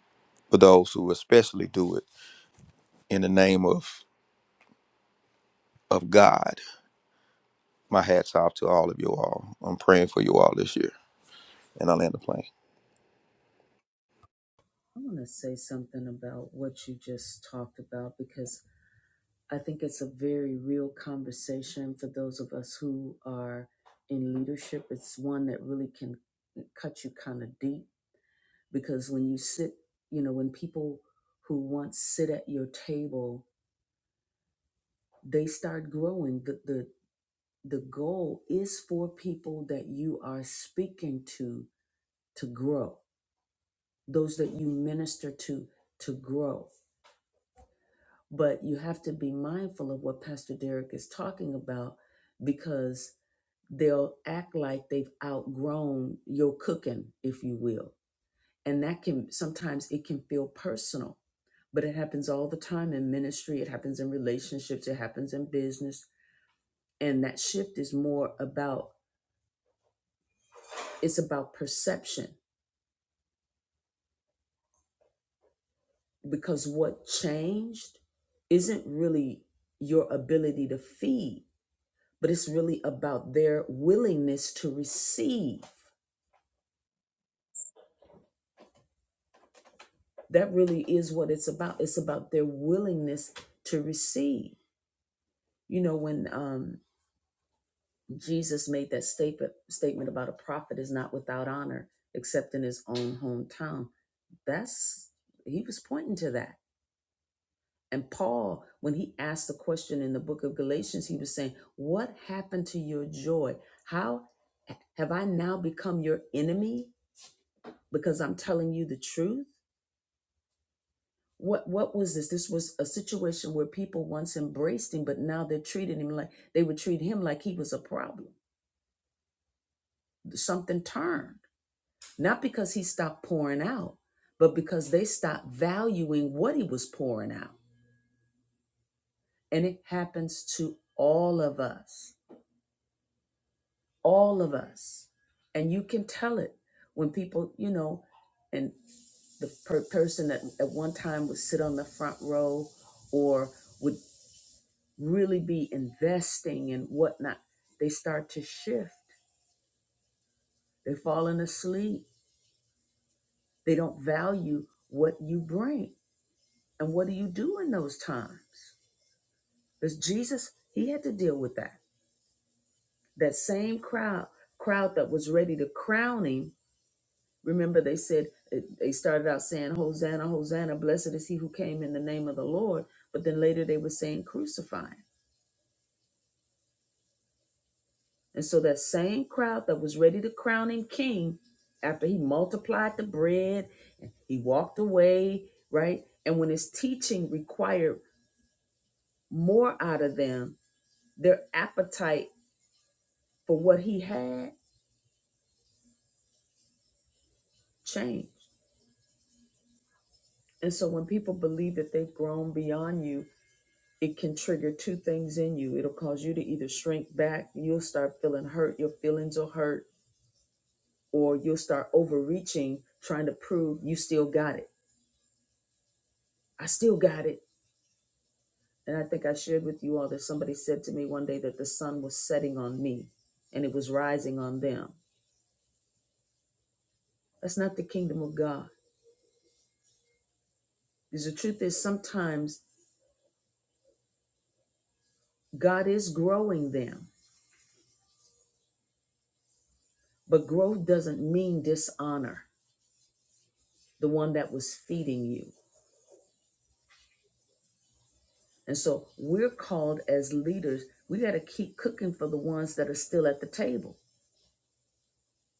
Speaker 2: for those who especially do it in the name of of God, my hats off to all of you all. I'm praying for you all this year, and I land the plane.
Speaker 1: I want to say something about what you just talked about because I think it's a very real conversation for those of us who are in leadership. It's one that really can cut you kind of deep because when you sit, you know, when people who once sit at your table, they start growing. The, the, the goal is for people that you are speaking to to grow, those that you minister to to grow But you have to be mindful of what Pastor Derek is talking about because they'll act like they've outgrown your cooking, if you will. And that can sometimes it can feel personal, but it happens all the time in ministry, it happens in relationships, it happens in business. And that shift is more about it's about perception because what changed isn't really your ability to feed but it's really about their willingness to receive. That really is what it's about. It's about their willingness to receive. You know, when um, Jesus made that statement statement about a prophet is not without honor except in his own hometown, that's he was pointing to that. And Paul, when he asked the question in the book of Galatians, he was saying, "What happened to your joy? How have I now become your enemy because I'm telling you the truth?" What what was this? This was a situation where people once embraced him, but now they're treating him like they would treat him like he was a problem. Something turned. Not because he stopped pouring out, but because they stopped valuing what he was pouring out. And it happens to all of us. All of us. And you can tell it when people, you know, and the per- person that at one time would sit on the front row or would. really be investing and whatnot, they start to shift. They're falling asleep. They don't value what you bring. And what do you do in those times? Because Jesus, he had to deal with that. That same crowd, crowd that was ready to crown him. Remember, they said they started out saying, Hosanna, Hosanna, blessed is he who came in the name of the Lord. But then later they were saying, Crucify. him. And so that same crowd that was ready to crown him king after he multiplied the bread and he walked away, right? And when his teaching required more out of them, their appetite for what he had changed. And so when people believe that they've grown beyond you, it can trigger two things in you. It'll cause you to either shrink back, you'll start feeling hurt, your feelings will hurt, or you'll start overreaching, trying to prove you still got it. I still got it. And I think I shared with you all that somebody said to me one day that the sun was setting on me and it was rising on them. That's not the kingdom of God. Because the truth is, sometimes God is growing them, but growth doesn't mean dishonor the one that was feeding you. And so we're called as leaders, we got to keep cooking for the ones that are still at the table,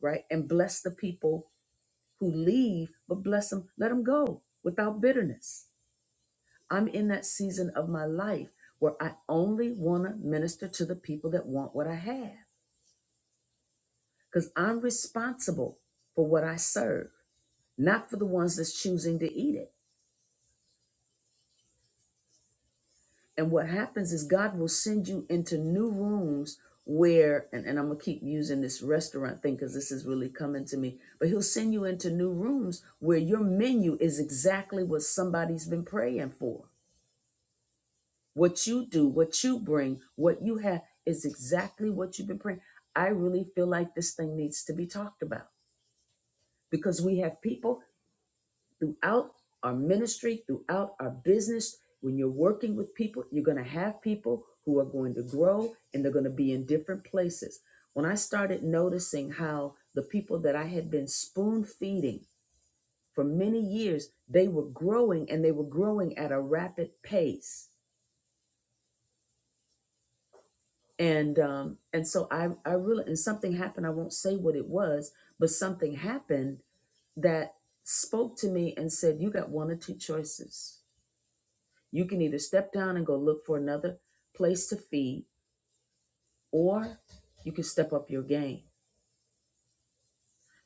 Speaker 1: right? And bless the people who leave, but bless them, let them go without bitterness I'm in that season of my life where I only want to minister to the people that want what I have because I'm responsible for what I serve, not for the ones that's choosing to eat it. And what happens is God will send you into new rooms where, and, and I'm going to keep using this restaurant thing because this is really coming to me, but He'll send you into new rooms where your menu is exactly what somebody's been praying for What you do, what you bring, what you have is exactly what you've been praying. I really feel like this thing needs to be talked about because we have people throughout our ministry, throughout our business. When you're working with people, you're going to have people who are going to grow and they're going to be in different places. When I started noticing how the people that I had been spoon feeding for many years, they were growing and they were growing at a rapid pace and um and so i i really and something happened i won't say what it was but something happened that spoke to me and said you got one or two choices you can either step down and go look for another place to feed or you can step up your game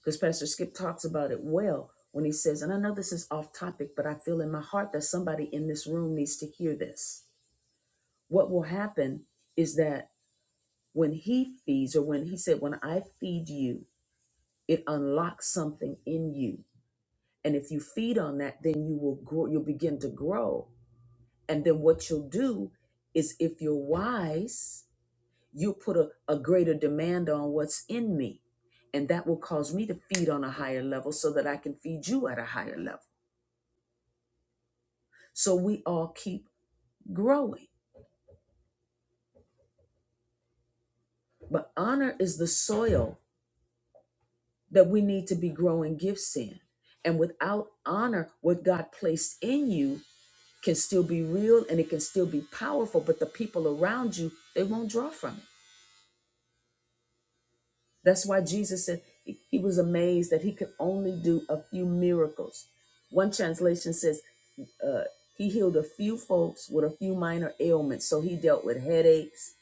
Speaker 1: because pastor skip talks about it well when he says and i know this is off topic but i feel in my heart that somebody in this room needs to hear this what will happen is that when he feeds or when he said when i feed you It unlocks something in you. And if you feed on that, then you will grow, you'll begin to grow. And then what you'll do is if you're wise, you put a, a greater demand on what's in me. And that will cause me to feed on a higher level so that I can feed you at a higher level. So we all keep growing. But honor is the soil that we need to be growing gifts in. And without honor, what God placed in you can still be real and it can still be powerful, but the people around you, they won't draw from it. That's why Jesus said he he was amazed that he could only do a few miracles. One translation says uh, he healed a few folks with a few minor ailments. So he dealt with headaches,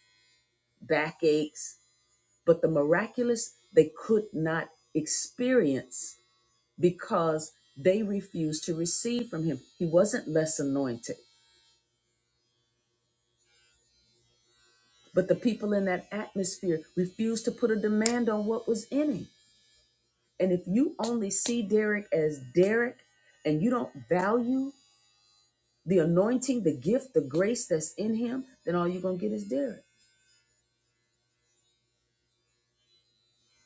Speaker 1: backaches, but the miraculous they could not experience because they refused to receive from him. He wasn't less anointed. But the people in that atmosphere refused to put a demand on what was in him. And if you only see Derek as Derek and you don't value the anointing, the gift, the grace that's in him, then all you're going to get is Derek.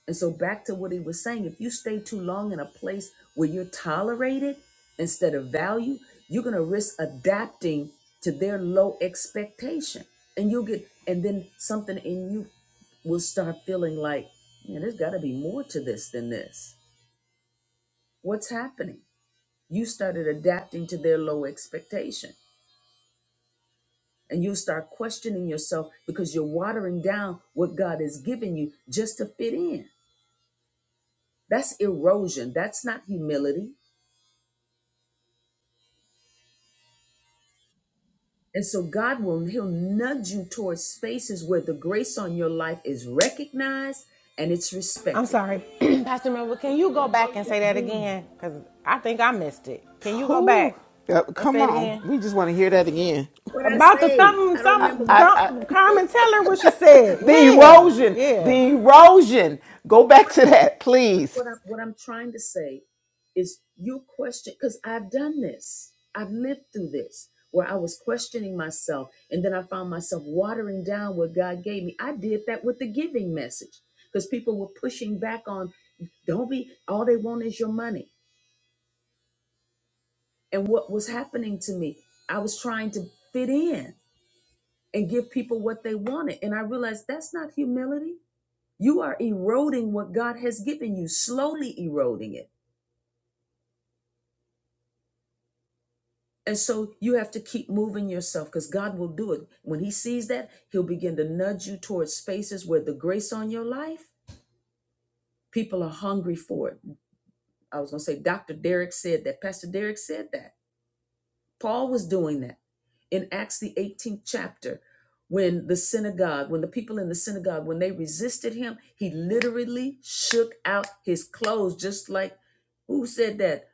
Speaker 1: And so back to what he was saying, if you stay too long in a place where you're tolerated instead of value, you're going to risk adapting to their low expectation. And you'll get and then something in you will start feeling like, man, there's got to be more to this than this. What's happening? You started adapting to their low expectation. And you'll start questioning yourself because you're watering down what God has given you just to fit in. That's erosion. That's not humility. And so God will he'll nudge you towards spaces where the grace on your life is recognized and it's
Speaker 5: I'm
Speaker 1: respected.
Speaker 5: sorry. Pastor Melville, can you go back
Speaker 1: All
Speaker 5: and
Speaker 1: you're
Speaker 5: say that
Speaker 1: doing.
Speaker 5: again? Because I think I missed it. Can you go
Speaker 6: Whew.
Speaker 5: back
Speaker 6: Uh,
Speaker 5: and
Speaker 6: Come
Speaker 5: say it
Speaker 6: on,
Speaker 5: again?
Speaker 6: we just want to hear that again.
Speaker 1: What I
Speaker 5: About the
Speaker 1: say,
Speaker 5: something,
Speaker 1: I don't
Speaker 6: I,
Speaker 1: remember
Speaker 5: some
Speaker 1: what
Speaker 6: I,
Speaker 1: I,
Speaker 6: I,
Speaker 5: Carmen, tell her what she said.
Speaker 6: the
Speaker 5: Yeah,
Speaker 6: erosion,
Speaker 5: yeah.
Speaker 6: the erosion. Go back to that, please.
Speaker 1: what I, what I'm trying to say is you question because I've done this. I've lived through this where I was questioning myself and then I found myself watering down what God gave me. I did that with the giving message because people were pushing back on don't be all they want is your money. and what was happening to me. I was trying to fit in and give people what they wanted. And I realized that's not humility. You are eroding what God has given you, slowly eroding it. And so you have to keep moving yourself because God will do it. When He sees that, He'll begin to nudge you towards spaces where the grace on your life, people are hungry for it. I was going to say, Dr. Derek said that. Pastor Derek said that Paul was doing that in Acts, the 18th chapter, when the synagogue, when the people in the synagogue, when they resisted him, he literally shook out his clothes, just like who said that?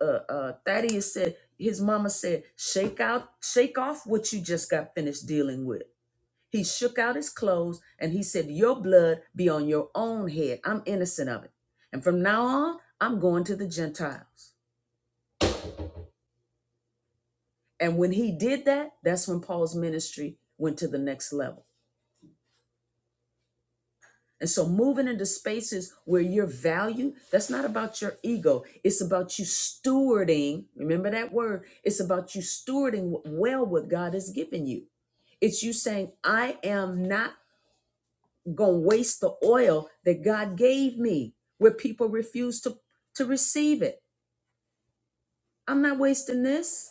Speaker 1: Uh, uh, Thaddeus said, his mama said, shake out, shake off what you just got finished dealing with. He shook out his clothes and he said, Your blood be on your own head. I'm innocent of it. And from now on, I'm going to the Gentiles. And when he did that, that's when Paul's ministry went to the next level. And so moving into spaces where your value, that's not about your ego. It's about you stewarding. Remember that word. It's about you stewarding well what God has given you. It's you saying, I am not going to waste the oil that God gave me where people refuse to, to receive it. I'm not wasting this.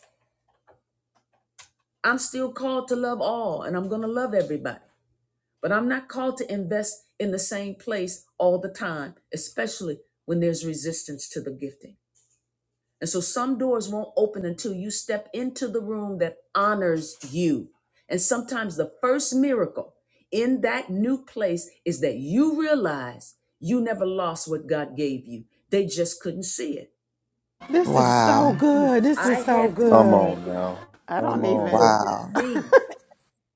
Speaker 1: I'm still called to love all and I'm going to love everybody. But I'm not called to invest in the same place all the time, especially when there's resistance to the gifting. And so some doors won't open until you step into the room that honors you. And sometimes the first miracle in that new place is that you realize you never lost what God gave you. They just couldn't see it.
Speaker 5: This is so
Speaker 7: Wow.
Speaker 5: good. This
Speaker 1: I
Speaker 5: is so
Speaker 1: had people do
Speaker 2: Come
Speaker 5: good.
Speaker 2: on now.
Speaker 6: I
Speaker 2: Come
Speaker 6: don't
Speaker 2: on
Speaker 6: even.
Speaker 2: now.
Speaker 7: Wow.
Speaker 1: with me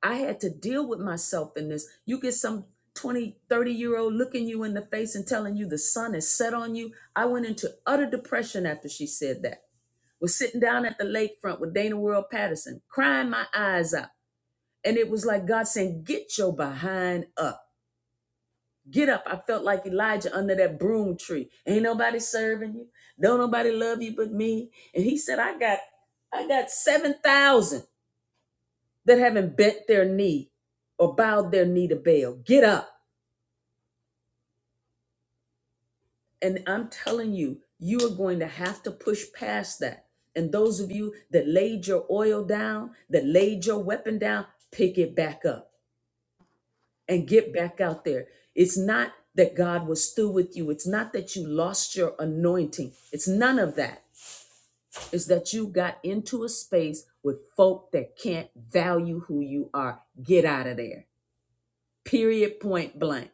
Speaker 1: I had to deal with myself in this. You get some 2030 year old looking you in the face and telling you the sun is set on you. I went into utter depression after she said that. Was sitting down at the lakefront with Dana World Patterson, crying my eyes out. And it was like God saying, Get your behind up. Get up. I felt like Elijah under that broom tree. Ain't nobody serving you. Don't nobody love you but me. And he said, I got I got 7,000 that haven't bent their knee or bowed their knee to Baal. Get up. And I'm telling you, you are going to have to push past that. And those of you that laid your oil down, that laid your weapon down, pick it back up and get back out there. It's not that God was through with you. It's not that you lost your anointing. It's none of that. It's that you got into a space with folk that can't value who you are. Get out of there. Period, point blank.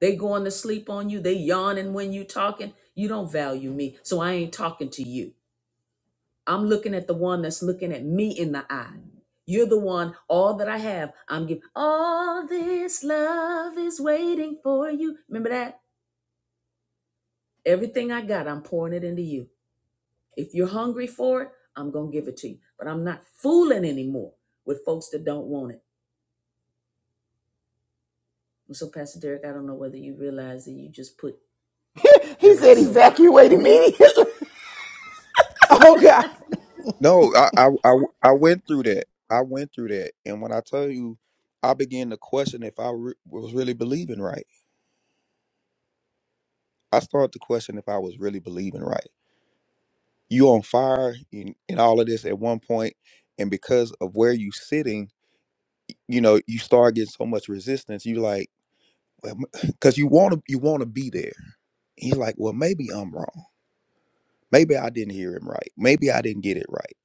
Speaker 1: They going to sleep on you. They yawning when you talking. You don't value me, so I ain't talking to you. I'm looking at the one that's looking at me in the eye. You're the one, all that I have. I'm giving all this love is waiting for you. Remember that? Everything I got, I'm pouring it into you. If you're hungry for it, I'm gonna give it to you. But I'm not fooling anymore with folks that don't want it. And so, Pastor Derek, I don't know whether you realize that you just put that
Speaker 6: he
Speaker 1: was a
Speaker 6: said
Speaker 1: soapbox.
Speaker 6: evacuate
Speaker 1: Me?
Speaker 6: immediately.
Speaker 5: Oh God.
Speaker 2: No, I, I I I went through that. I went through that, and when I tell you, I began to question if I re- was really believing right. I started to question if I was really believing right. You on fire and, and all of this at one point, and because of where you sitting, you know, you start getting so much resistance. You like, "Well, because you want to, you want to be there. He's like, well, maybe I'm wrong. Maybe I didn't hear him right. Maybe I didn't get it right.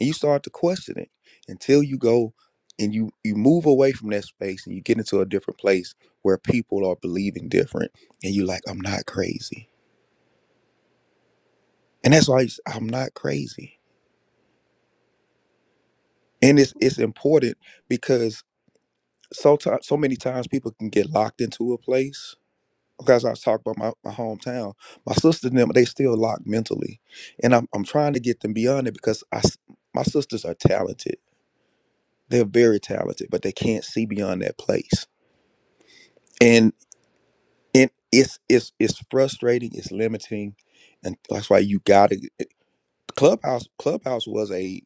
Speaker 2: And you start to question it until you go and you you move away from that space and you get into a different place where people are believing different, and you're like, I'm not crazy. And that's why I used- I'm not crazy and it's it's important because so ti- so many times people can get locked into a place. Because I was talking about my, my hometown, my sisters and them they still locked mentally, and I'm I'm trying to get them beyond it because I s- my sisters are talented. They're very talented, but they can't see beyond that place, and it it's it's it's frustrating. It's limiting, and that's why you got to clubhouse. Clubhouse was a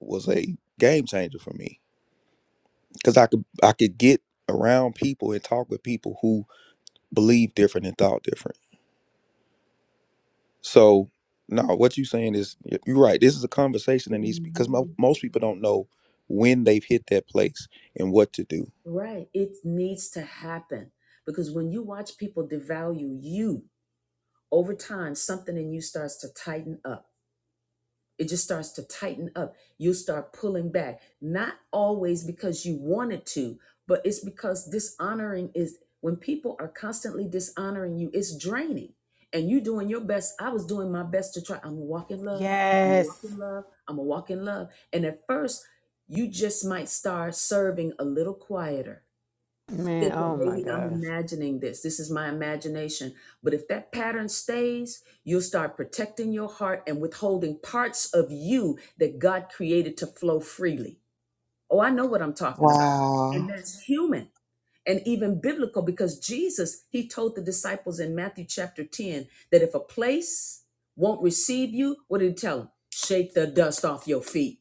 Speaker 2: was a game changer for me because I could I could get around people and talk with people who believe different and thought different. So no, what you're saying is y- you're right. This is a conversation that needs because mo- most people don't know when they've hit that place and what to do.
Speaker 1: Right. It needs to happen because when you watch people devalue you over time, something in you starts to tighten up. It just starts to tighten up. You'll start pulling back, not always because you wanted to, but it's because dishonoring is when people are constantly dishonoring you, it's draining. And you doing your best. I was doing my best to try. I'm gonna walk in love. I'm gonna walk
Speaker 5: Yes.
Speaker 1: in love. I'm gonna walk in love. And at first, you just might start serving a little quieter
Speaker 6: Man,
Speaker 1: thinking
Speaker 6: oh my
Speaker 1: maybe I'm
Speaker 6: gosh.
Speaker 1: imagining this. This is my imagination. But if that pattern stays, you'll start protecting your heart and withholding parts of you that God created to flow freely. Oh, I know what I'm talking about. And
Speaker 7: Wow.
Speaker 1: that's human and even biblical because Jesus, he told the disciples in Matthew chapter 10 that if a place won't receive you, what did he tell them? Shake the dust off your feet.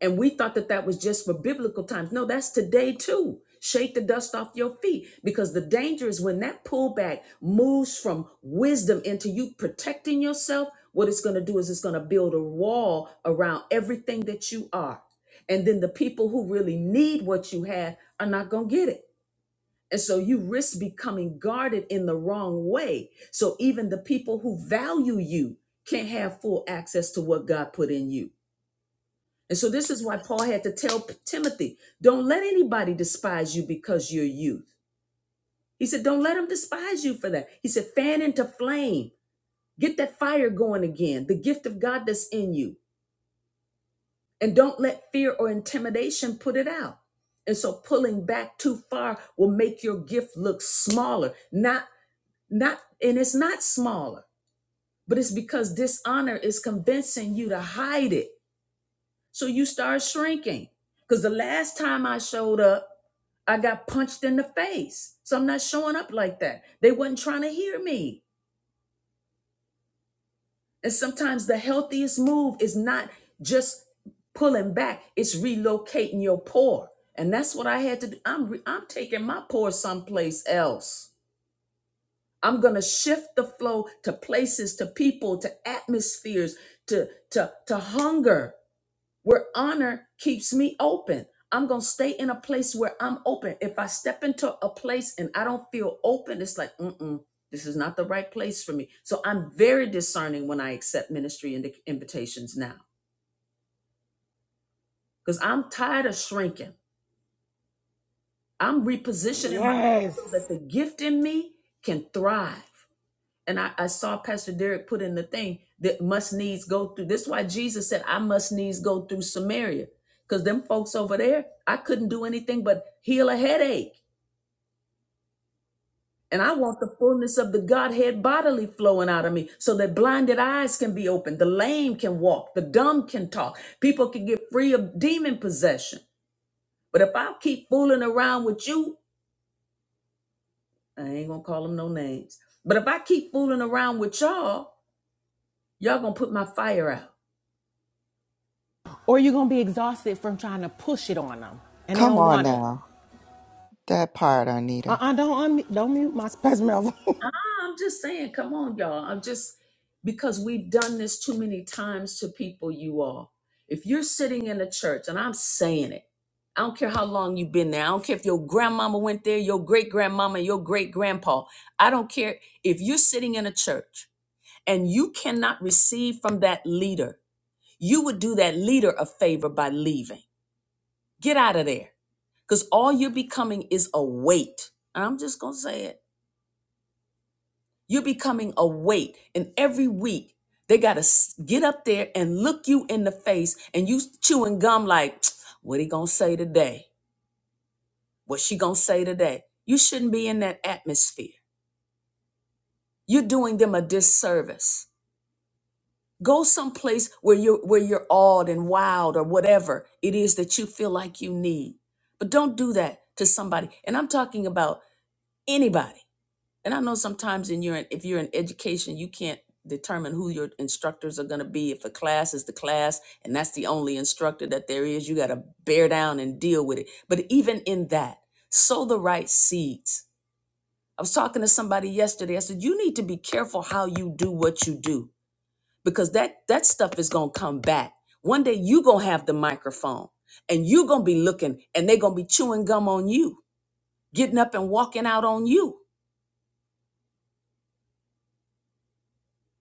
Speaker 1: And we thought that that was just for biblical times. No, that's today too. Shake the dust off your feet because the danger is when that pullback moves from wisdom into you protecting yourself, what it's going to do is it's going to build a wall around everything that you are. And then the people who really need what you have are not going to get it. And so you risk becoming guarded in the wrong way. So even the people who value you can't have full access to what God put in you. And so this is why Paul had to tell P- Timothy, don't let anybody despise you because you're youth. He said, don't let them despise you for that. He said, fan into flame. Get that fire going again, the gift of God that's in you. And don't let fear or intimidation put it out. And so pulling back too far will make your gift look smaller. Not not and it's not smaller, but it's because dishonor is convincing you to hide it. So you start shrinking. Cuz the last time I showed up I got punched in the face. So I'm not showing up like that. They wasn't trying to hear me. And sometimes the healthiest move is not just pulling back, it's relocating your pour. And that's what I had to do. I'm re- I'm taking my pour someplace else. I'm going to shift the flow to places, to people, to atmospheres, to to to hunger where honor keeps me open. I'm going to stay in a place where I'm open. If I step into a place and I don't feel open, it's like, mm-mm, this is not the right place for me. So I'm very discerning when I accept ministry and invitations now because I'm tired of shrinking. I'm repositioning myself
Speaker 5: Yes.
Speaker 1: so that the gift in me can thrive. and I, I saw Pastor Derek put in the thing that must needs go through. This is why Jesus said, I must needs go through Samaria. Because them folks over there, I couldn't do anything but heal a headache. And I want the fullness of the Godhead bodily flowing out of me so that blinded eyes can be opened, the lame can walk, the dumb can talk, people can get free of demon possession. But if I keep fooling around with you, I ain't gonna call them no names, but if I keep fooling around with y'all, y'all gonna put my fire out.
Speaker 5: Or you're going to be exhausted from trying to push it on them and they
Speaker 7: Come
Speaker 5: don't
Speaker 7: on
Speaker 5: want it.
Speaker 7: now. That part,
Speaker 5: Uh uh
Speaker 7: Arnita.
Speaker 5: do not unmute, don't mute my. Pastor Melville.
Speaker 1: I'm just saying, come on, y'all. I'm just because we've done this too many times to people, you all. If you're sitting in a church, and I'm saying it, I don't care how long you've been there. I don't care if your grandmama went there, your great grandmama, your great grandpa. I don't care. If you're sitting in a church and you cannot receive from that leader, you would do that leader a favor by leaving. Get out of there because all you're becoming is a weight. And I'm just going to say it. You're becoming a weight. And every week, they got to get up there and look you in the face and you chewing gum like, what he going to say today? What she going to say today? You shouldn't be in that atmosphere. You're doing them a disservice. Go someplace where you're, where you're awed and wild or whatever it is that you feel like you need. But don't do that to somebody. And I'm talking about anybody and I know sometimes in your if you're in education, you can't determine who your instructors are going to be. If a class is the class and that's the only instructor that there is, you got to bear down and deal with it. But even in that, sow the right seeds. I was talking to somebody yesterday. I said, "You need to be careful how you do what you do because that that stuff is going to come back. One day you going to have the microphone and you going to be looking and they're going to be chewing gum on you, getting up and walking out on you."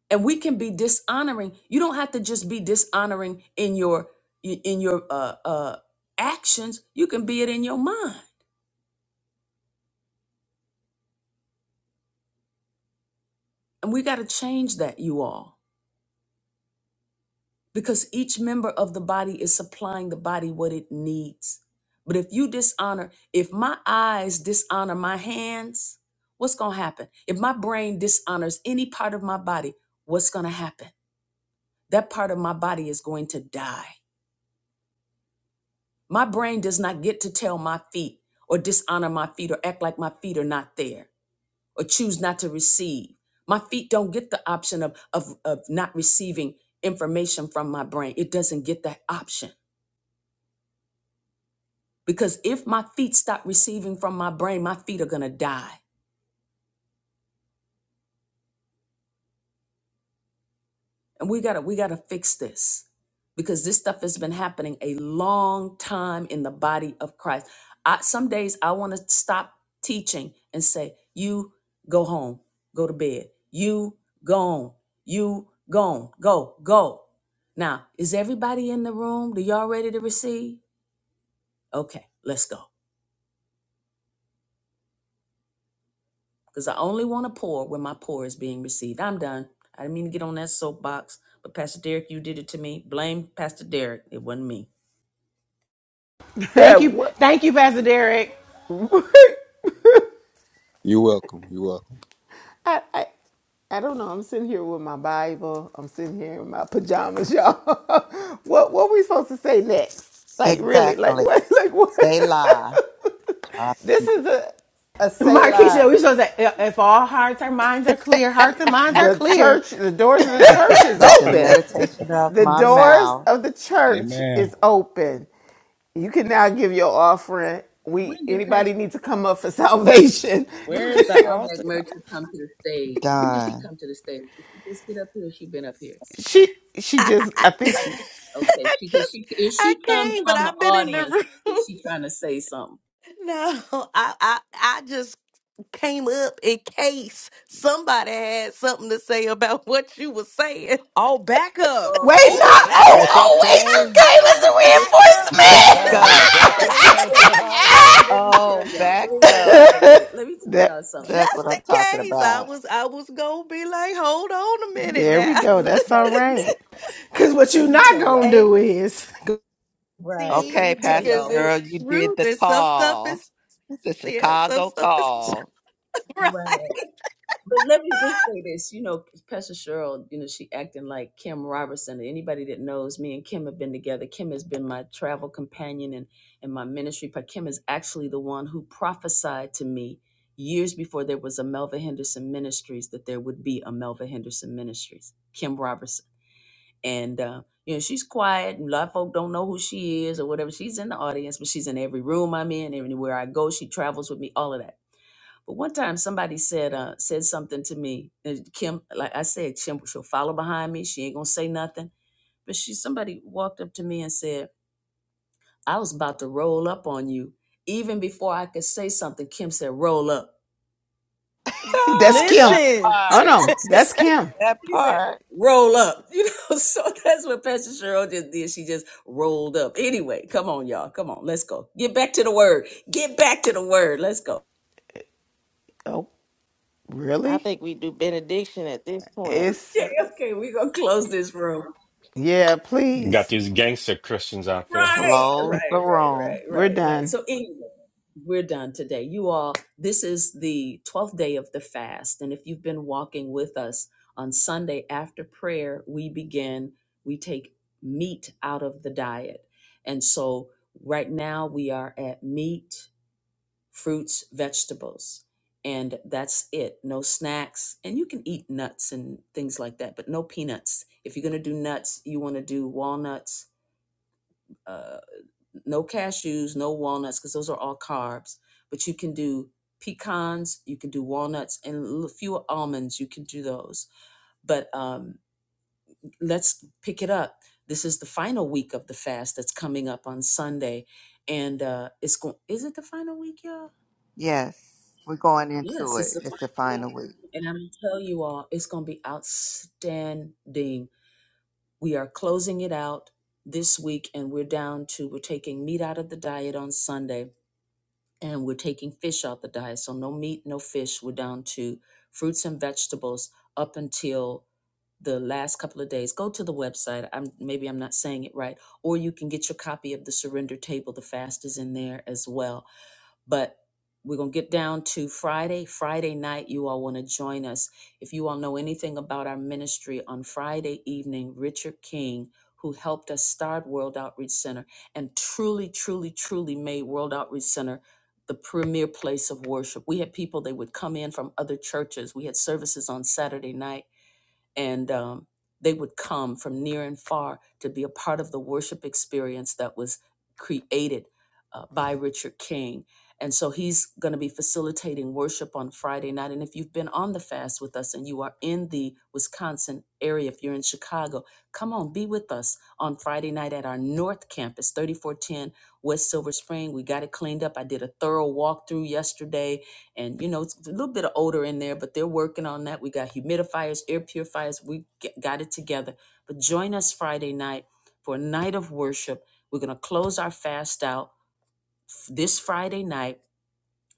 Speaker 1: and we can be dishonoring you don't have to just be dishonoring in your in your uh uh actions you can be it in your mind and we got to change that you all because each member of the body is supplying the body what it needs but if you dishonor if my eyes dishonor my hands what's going to happen if my brain dishonors any part of my body what's going to happen that part of my body is going to die My brain does not get to tell my feet or dishonor my feet or act like my feet are not there or choose not to receive. My feet don't get the option of, of, of not receiving information from my brain. It doesn't get that option. Because if my feet stop receiving from my brain, my feet are going to die. And we gotta we gotta fix this because this stuff has been happening a long time in the body of Christ. I some days I want to stop teaching and say, you go home, go to bed. You gone. You gone. Go, go. Now, is everybody in the room? Do y'all ready to receive? Okay, let's go. Because I only want to pour when my pour is being received. I'm done. I didn't mean to get on that soapbox, but Pastor Derek, you did it to me. Blame Pastor Derek. It wasn't me.
Speaker 6: Yeah.
Speaker 5: Thank you.
Speaker 6: what?
Speaker 5: Thank you, Pastor Derek.
Speaker 2: You're welcome. You're welcome.
Speaker 6: I, I, I don't know. I'm sitting here with my Bible. I'm sitting here in my pajamas, y'all. what, what we supposed to say next? Like really? Like
Speaker 7: Exactly.
Speaker 6: what? Like
Speaker 7: They
Speaker 6: what?
Speaker 7: lie. Drop the
Speaker 6: this
Speaker 7: mic.
Speaker 6: is a a Selah
Speaker 5: Markeisha, we supposed to, if if all hearts and minds are clear, hearts and minds are
Speaker 6: the
Speaker 5: clear.
Speaker 6: church, the doors of the church is
Speaker 7: Let the
Speaker 6: open.
Speaker 7: meditation of
Speaker 6: The
Speaker 7: my
Speaker 6: doors
Speaker 7: mouth
Speaker 6: of the church
Speaker 4: Amen.
Speaker 6: is open. You can now give your offering. We
Speaker 1: When did
Speaker 6: anybody
Speaker 1: Pastor,
Speaker 6: need to come up for salvation.
Speaker 1: when
Speaker 3: Where is
Speaker 1: did
Speaker 3: the
Speaker 1: Cheryl
Speaker 3: altar call?
Speaker 1: McMurtry come to the stage? When did she
Speaker 7: done.
Speaker 1: come to the stage? Did she just get up here? or She been up here?
Speaker 6: She she
Speaker 8: I, I,
Speaker 6: just
Speaker 8: I
Speaker 6: I think she
Speaker 1: Okay,
Speaker 8: I
Speaker 1: she could
Speaker 8: just
Speaker 1: she if
Speaker 8: I
Speaker 1: she comes
Speaker 8: came, but
Speaker 1: from the
Speaker 8: I've been in the
Speaker 1: audience,
Speaker 8: room.
Speaker 1: is she trying to say something?
Speaker 8: No, I, I I just came up in case somebody had something to say about what you were saying.
Speaker 3: Oh,
Speaker 1: Oh,
Speaker 5: Wait,
Speaker 1: okay,
Speaker 5: not,
Speaker 1: okay.
Speaker 5: oh,
Speaker 1: I,
Speaker 5: oh, wait,
Speaker 8: I was the
Speaker 1: look,
Speaker 5: you came as a
Speaker 8: backup
Speaker 1: look,
Speaker 5: reinforcement.
Speaker 7: Back
Speaker 1: wait a minute,
Speaker 7: up.
Speaker 1: y'all. Let me tell you. Let me tell
Speaker 7: Oh,
Speaker 1: y'all.
Speaker 7: back
Speaker 1: Wait, wait, wait,
Speaker 7: up.
Speaker 1: wait, wait. Let me tell y'all
Speaker 6: that
Speaker 1: something.
Speaker 7: That's what
Speaker 8: just in
Speaker 7: I'm talking
Speaker 8: case. I
Speaker 7: about.
Speaker 8: was I was gonna be like, hold on a minute
Speaker 6: there we
Speaker 8: now.
Speaker 6: go.
Speaker 1: Wait,
Speaker 6: That's
Speaker 1: now
Speaker 6: all
Speaker 1: let me
Speaker 6: right.
Speaker 1: t-
Speaker 5: Because what you're
Speaker 1: let me
Speaker 5: not
Speaker 1: tell
Speaker 5: going to
Speaker 1: y'all.
Speaker 8: A
Speaker 5: do is
Speaker 1: Right. Let
Speaker 8: C
Speaker 7: Okay,
Speaker 1: me tell
Speaker 7: Pastor
Speaker 8: because
Speaker 1: y'all what.
Speaker 8: it's
Speaker 7: Cheryl, you did
Speaker 8: truth
Speaker 7: the
Speaker 8: There's some stuff
Speaker 7: call.
Speaker 8: is
Speaker 7: The
Speaker 8: yeah, some
Speaker 7: Chicago
Speaker 8: stuff is
Speaker 7: call.
Speaker 8: right.
Speaker 1: But let me just say this, you know, Pastor Cheryl, you know, she acting like Kim Robertson. Anybody that knows me and Kim have been together. Kim has been my travel companion and and my ministry. But Kim is actually the one who prophesied to me years before there was a Melva Henderson Ministries that there would be a Melva Henderson Ministries. Kim Robertson, and uh, you know, she's quiet. and A lot of folk don't know who she is or whatever. She's in the audience, but she's in every room I'm in, everywhere I go. She travels with me, all of that. But one time somebody said uh, said something to me. and Kim, like I said, Kim, she'll follow behind me. She ain't gonna say nothing. But she somebody walked up to me and said, I was about to roll up on you. Even before I could say something, Kim said, roll up.
Speaker 6: That's
Speaker 7: God,
Speaker 6: Kim.
Speaker 7: that
Speaker 3: listen.
Speaker 6: Oh
Speaker 7: part.
Speaker 6: no,
Speaker 1: She
Speaker 6: that's
Speaker 1: said,
Speaker 6: Kim.
Speaker 7: That
Speaker 1: she said
Speaker 7: part.
Speaker 1: roll up. You know, so that's what Pastor Cheryl just did. She just rolled up. Anyway, come on, y'all. Come on, let's go. Get back to the word. Get back to the word. Let's go.
Speaker 6: Oh,
Speaker 3: I
Speaker 6: really?
Speaker 3: think we do benediction at this point.
Speaker 6: It's
Speaker 1: Okay, okay, we're gonna close this room.
Speaker 6: yeah,
Speaker 9: Got
Speaker 6: please.
Speaker 9: these gangster Christians out there.
Speaker 1: Right, right,
Speaker 7: Close the room.
Speaker 1: right, right,
Speaker 6: We're
Speaker 1: right, right.
Speaker 6: done.
Speaker 1: So anyway, we're done today. You all, this is the 12th day of the fast. And if you've been walking with us on Sunday after prayer, we begin, we take meat out of the diet. And so right now we are at meat, fruits, vegetables. And that's it. No snacks. And you can eat nuts and things like that, but no peanuts. If you're going to do nuts, you want to do walnuts uh, no cashews, no walnuts, because those are all carbs. But you can do pecans, you can do walnuts, and a few almonds. You can do those. But um, let's pick it up. This is the final week of the fast that's coming up on Sunday, and uh, it's going. Is it the final week, y'all?
Speaker 7: Yes. We're going into
Speaker 1: Yes, it's
Speaker 7: it.
Speaker 1: the
Speaker 7: It's the
Speaker 1: final week.
Speaker 7: final week.
Speaker 1: And I'm gonna tell you all, it's gonna be outstanding. We are closing it out this week, and we're down to we're taking meat out of the diet on Sunday and we're taking fish out the diet. So no meat, no fish. We're down to fruits and vegetables up until the last couple of days. Go to the website. I'm maybe I'm not saying it right, or you can get your copy of the Surrender Table. The fast is in there as well but we're going to get down to Friday. Friday night, you all want to join us. If you all know anything about our ministry, on Friday evening, Richard King, who helped us start World Outreach Center and truly, truly, truly made World Outreach Center the premier place of worship. We had people, they would come in from other churches. We had services on Saturday night and um, they would come from near and far to be a part of the worship experience that was created uh, by Richard King. And so he's going to be facilitating worship on Friday night. And if you've been on the fast with us and you are in the Wisconsin area, if you're in Chicago, come on, be with us on Friday night at our North Campus, 3410 West Silver Spring. We got it cleaned up. I did a thorough walkthrough yesterday and you know it's a little bit of odor in there but they're working on that we got humidifiers air purifiers we g- got it together but join us friday night for a night of worship we're going to close our fast out f- this friday night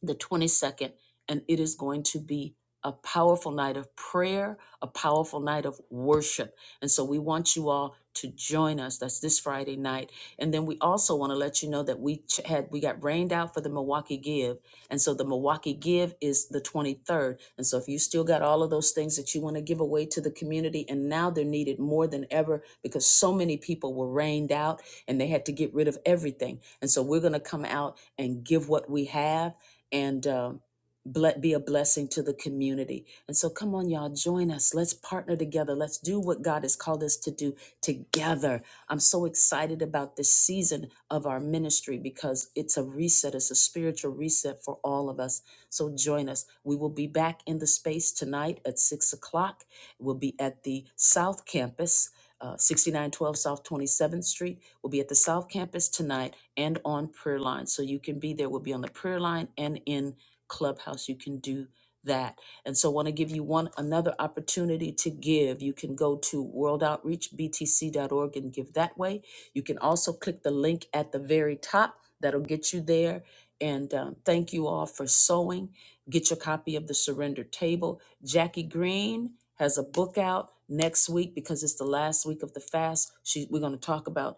Speaker 1: the 22nd, and it is going to be a powerful night of prayer, a powerful night of worship. And so we want you all to join us. That's this Friday night. And then we also want to let you know that we ch- had we got rained out for the Milwaukee Give. And so the Milwaukee Give is the 23rd. And so if you still got all of those things that you want to give away to the community and now they're needed more than ever because so many people were rained out and they had to get rid of everything. And so we're going to come out and give what we have and um, ble- be a blessing to the community. And so, come on, y'all, join us. Let's partner together. Let's do what God has called us to do together. I'm so excited about this season of our ministry because it's a reset, it's a spiritual reset for all of us. So, join us. We will be back in the space tonight at six o'clock. We'll be at the South Campus. Uh, 6912 South 27th Street. We'll be at the South Campus tonight and on prayer line. So you can be there. We'll be on the prayer line and in Clubhouse. You can do that. And so I want to give you one another opportunity to give. You can go to worldoutreachbtc.org and give that way. You can also click the link at the very top. That'll get you there. And um, thank you all for sewing. Get your copy of The Surrender Table. Jackie Green has a book out next week because it's the last week of the fast. She, we're going to talk about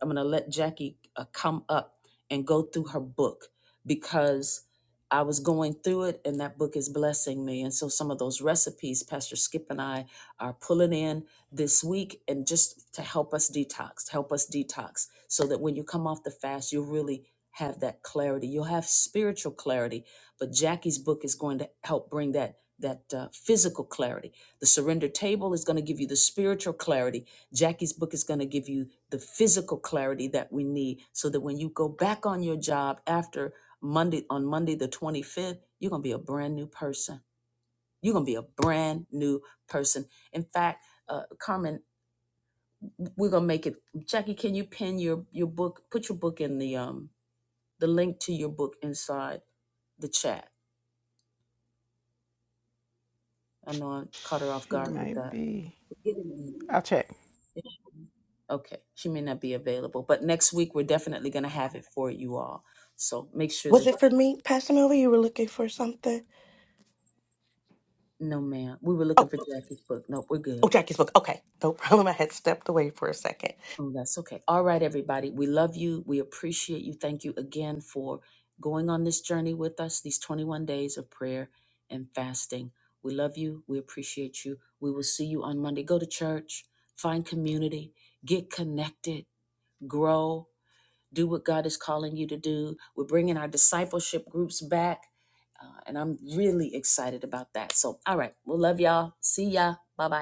Speaker 1: I'm gonna let Jackie uh, come up and go through her book because I was going through it, and that book is blessing me. And so some of those recipes, Pastor Skip and I are pulling in this week, and just to help us detox, to help us detox, so that when you come off the fast, you'll really have that clarity. You'll have spiritual clarity, but Jackie's book is going to help bring that that uh, physical clarity. The Surrender Table is going to give you the spiritual clarity. Jackie's book is going to give you the physical clarity that we need so that when you go back on your job after Monday on Monday the 25th, you're going to be a brand new person. You're going to be a brand new person. In fact, uh, Carmen, we're going to make it Jackie, can you pin your your book, put your book in the um the link to your book inside the chat. I know I caught her off
Speaker 6: She
Speaker 1: guard with
Speaker 6: might
Speaker 1: that.
Speaker 6: be.
Speaker 1: Get it in
Speaker 6: I'll check.
Speaker 1: Okay, she may not be available, but next week we're definitely going to have it for you all. So make sure
Speaker 8: Was
Speaker 1: that
Speaker 8: it for me, Pastor Melvin? You were looking for something?
Speaker 1: No, ma'am. We were looking for Jackie's book. Nope, we're
Speaker 8: Oh,
Speaker 1: good.
Speaker 8: Jackie spoke. Okay, no problem. I had stepped away for a second.
Speaker 1: Oh, that's okay. All right, everybody. We love you. We appreciate you. Thank you again for going on this journey with us, these 21 days of prayer and fasting. We love you. We appreciate you. We will see you on Monday. Go to church, find community, get connected, grow, do what God is calling you to do. We're bringing our discipleship groups back, uh, and I'm really excited about that. So, all right. We love y'all. See ya. Bye bye.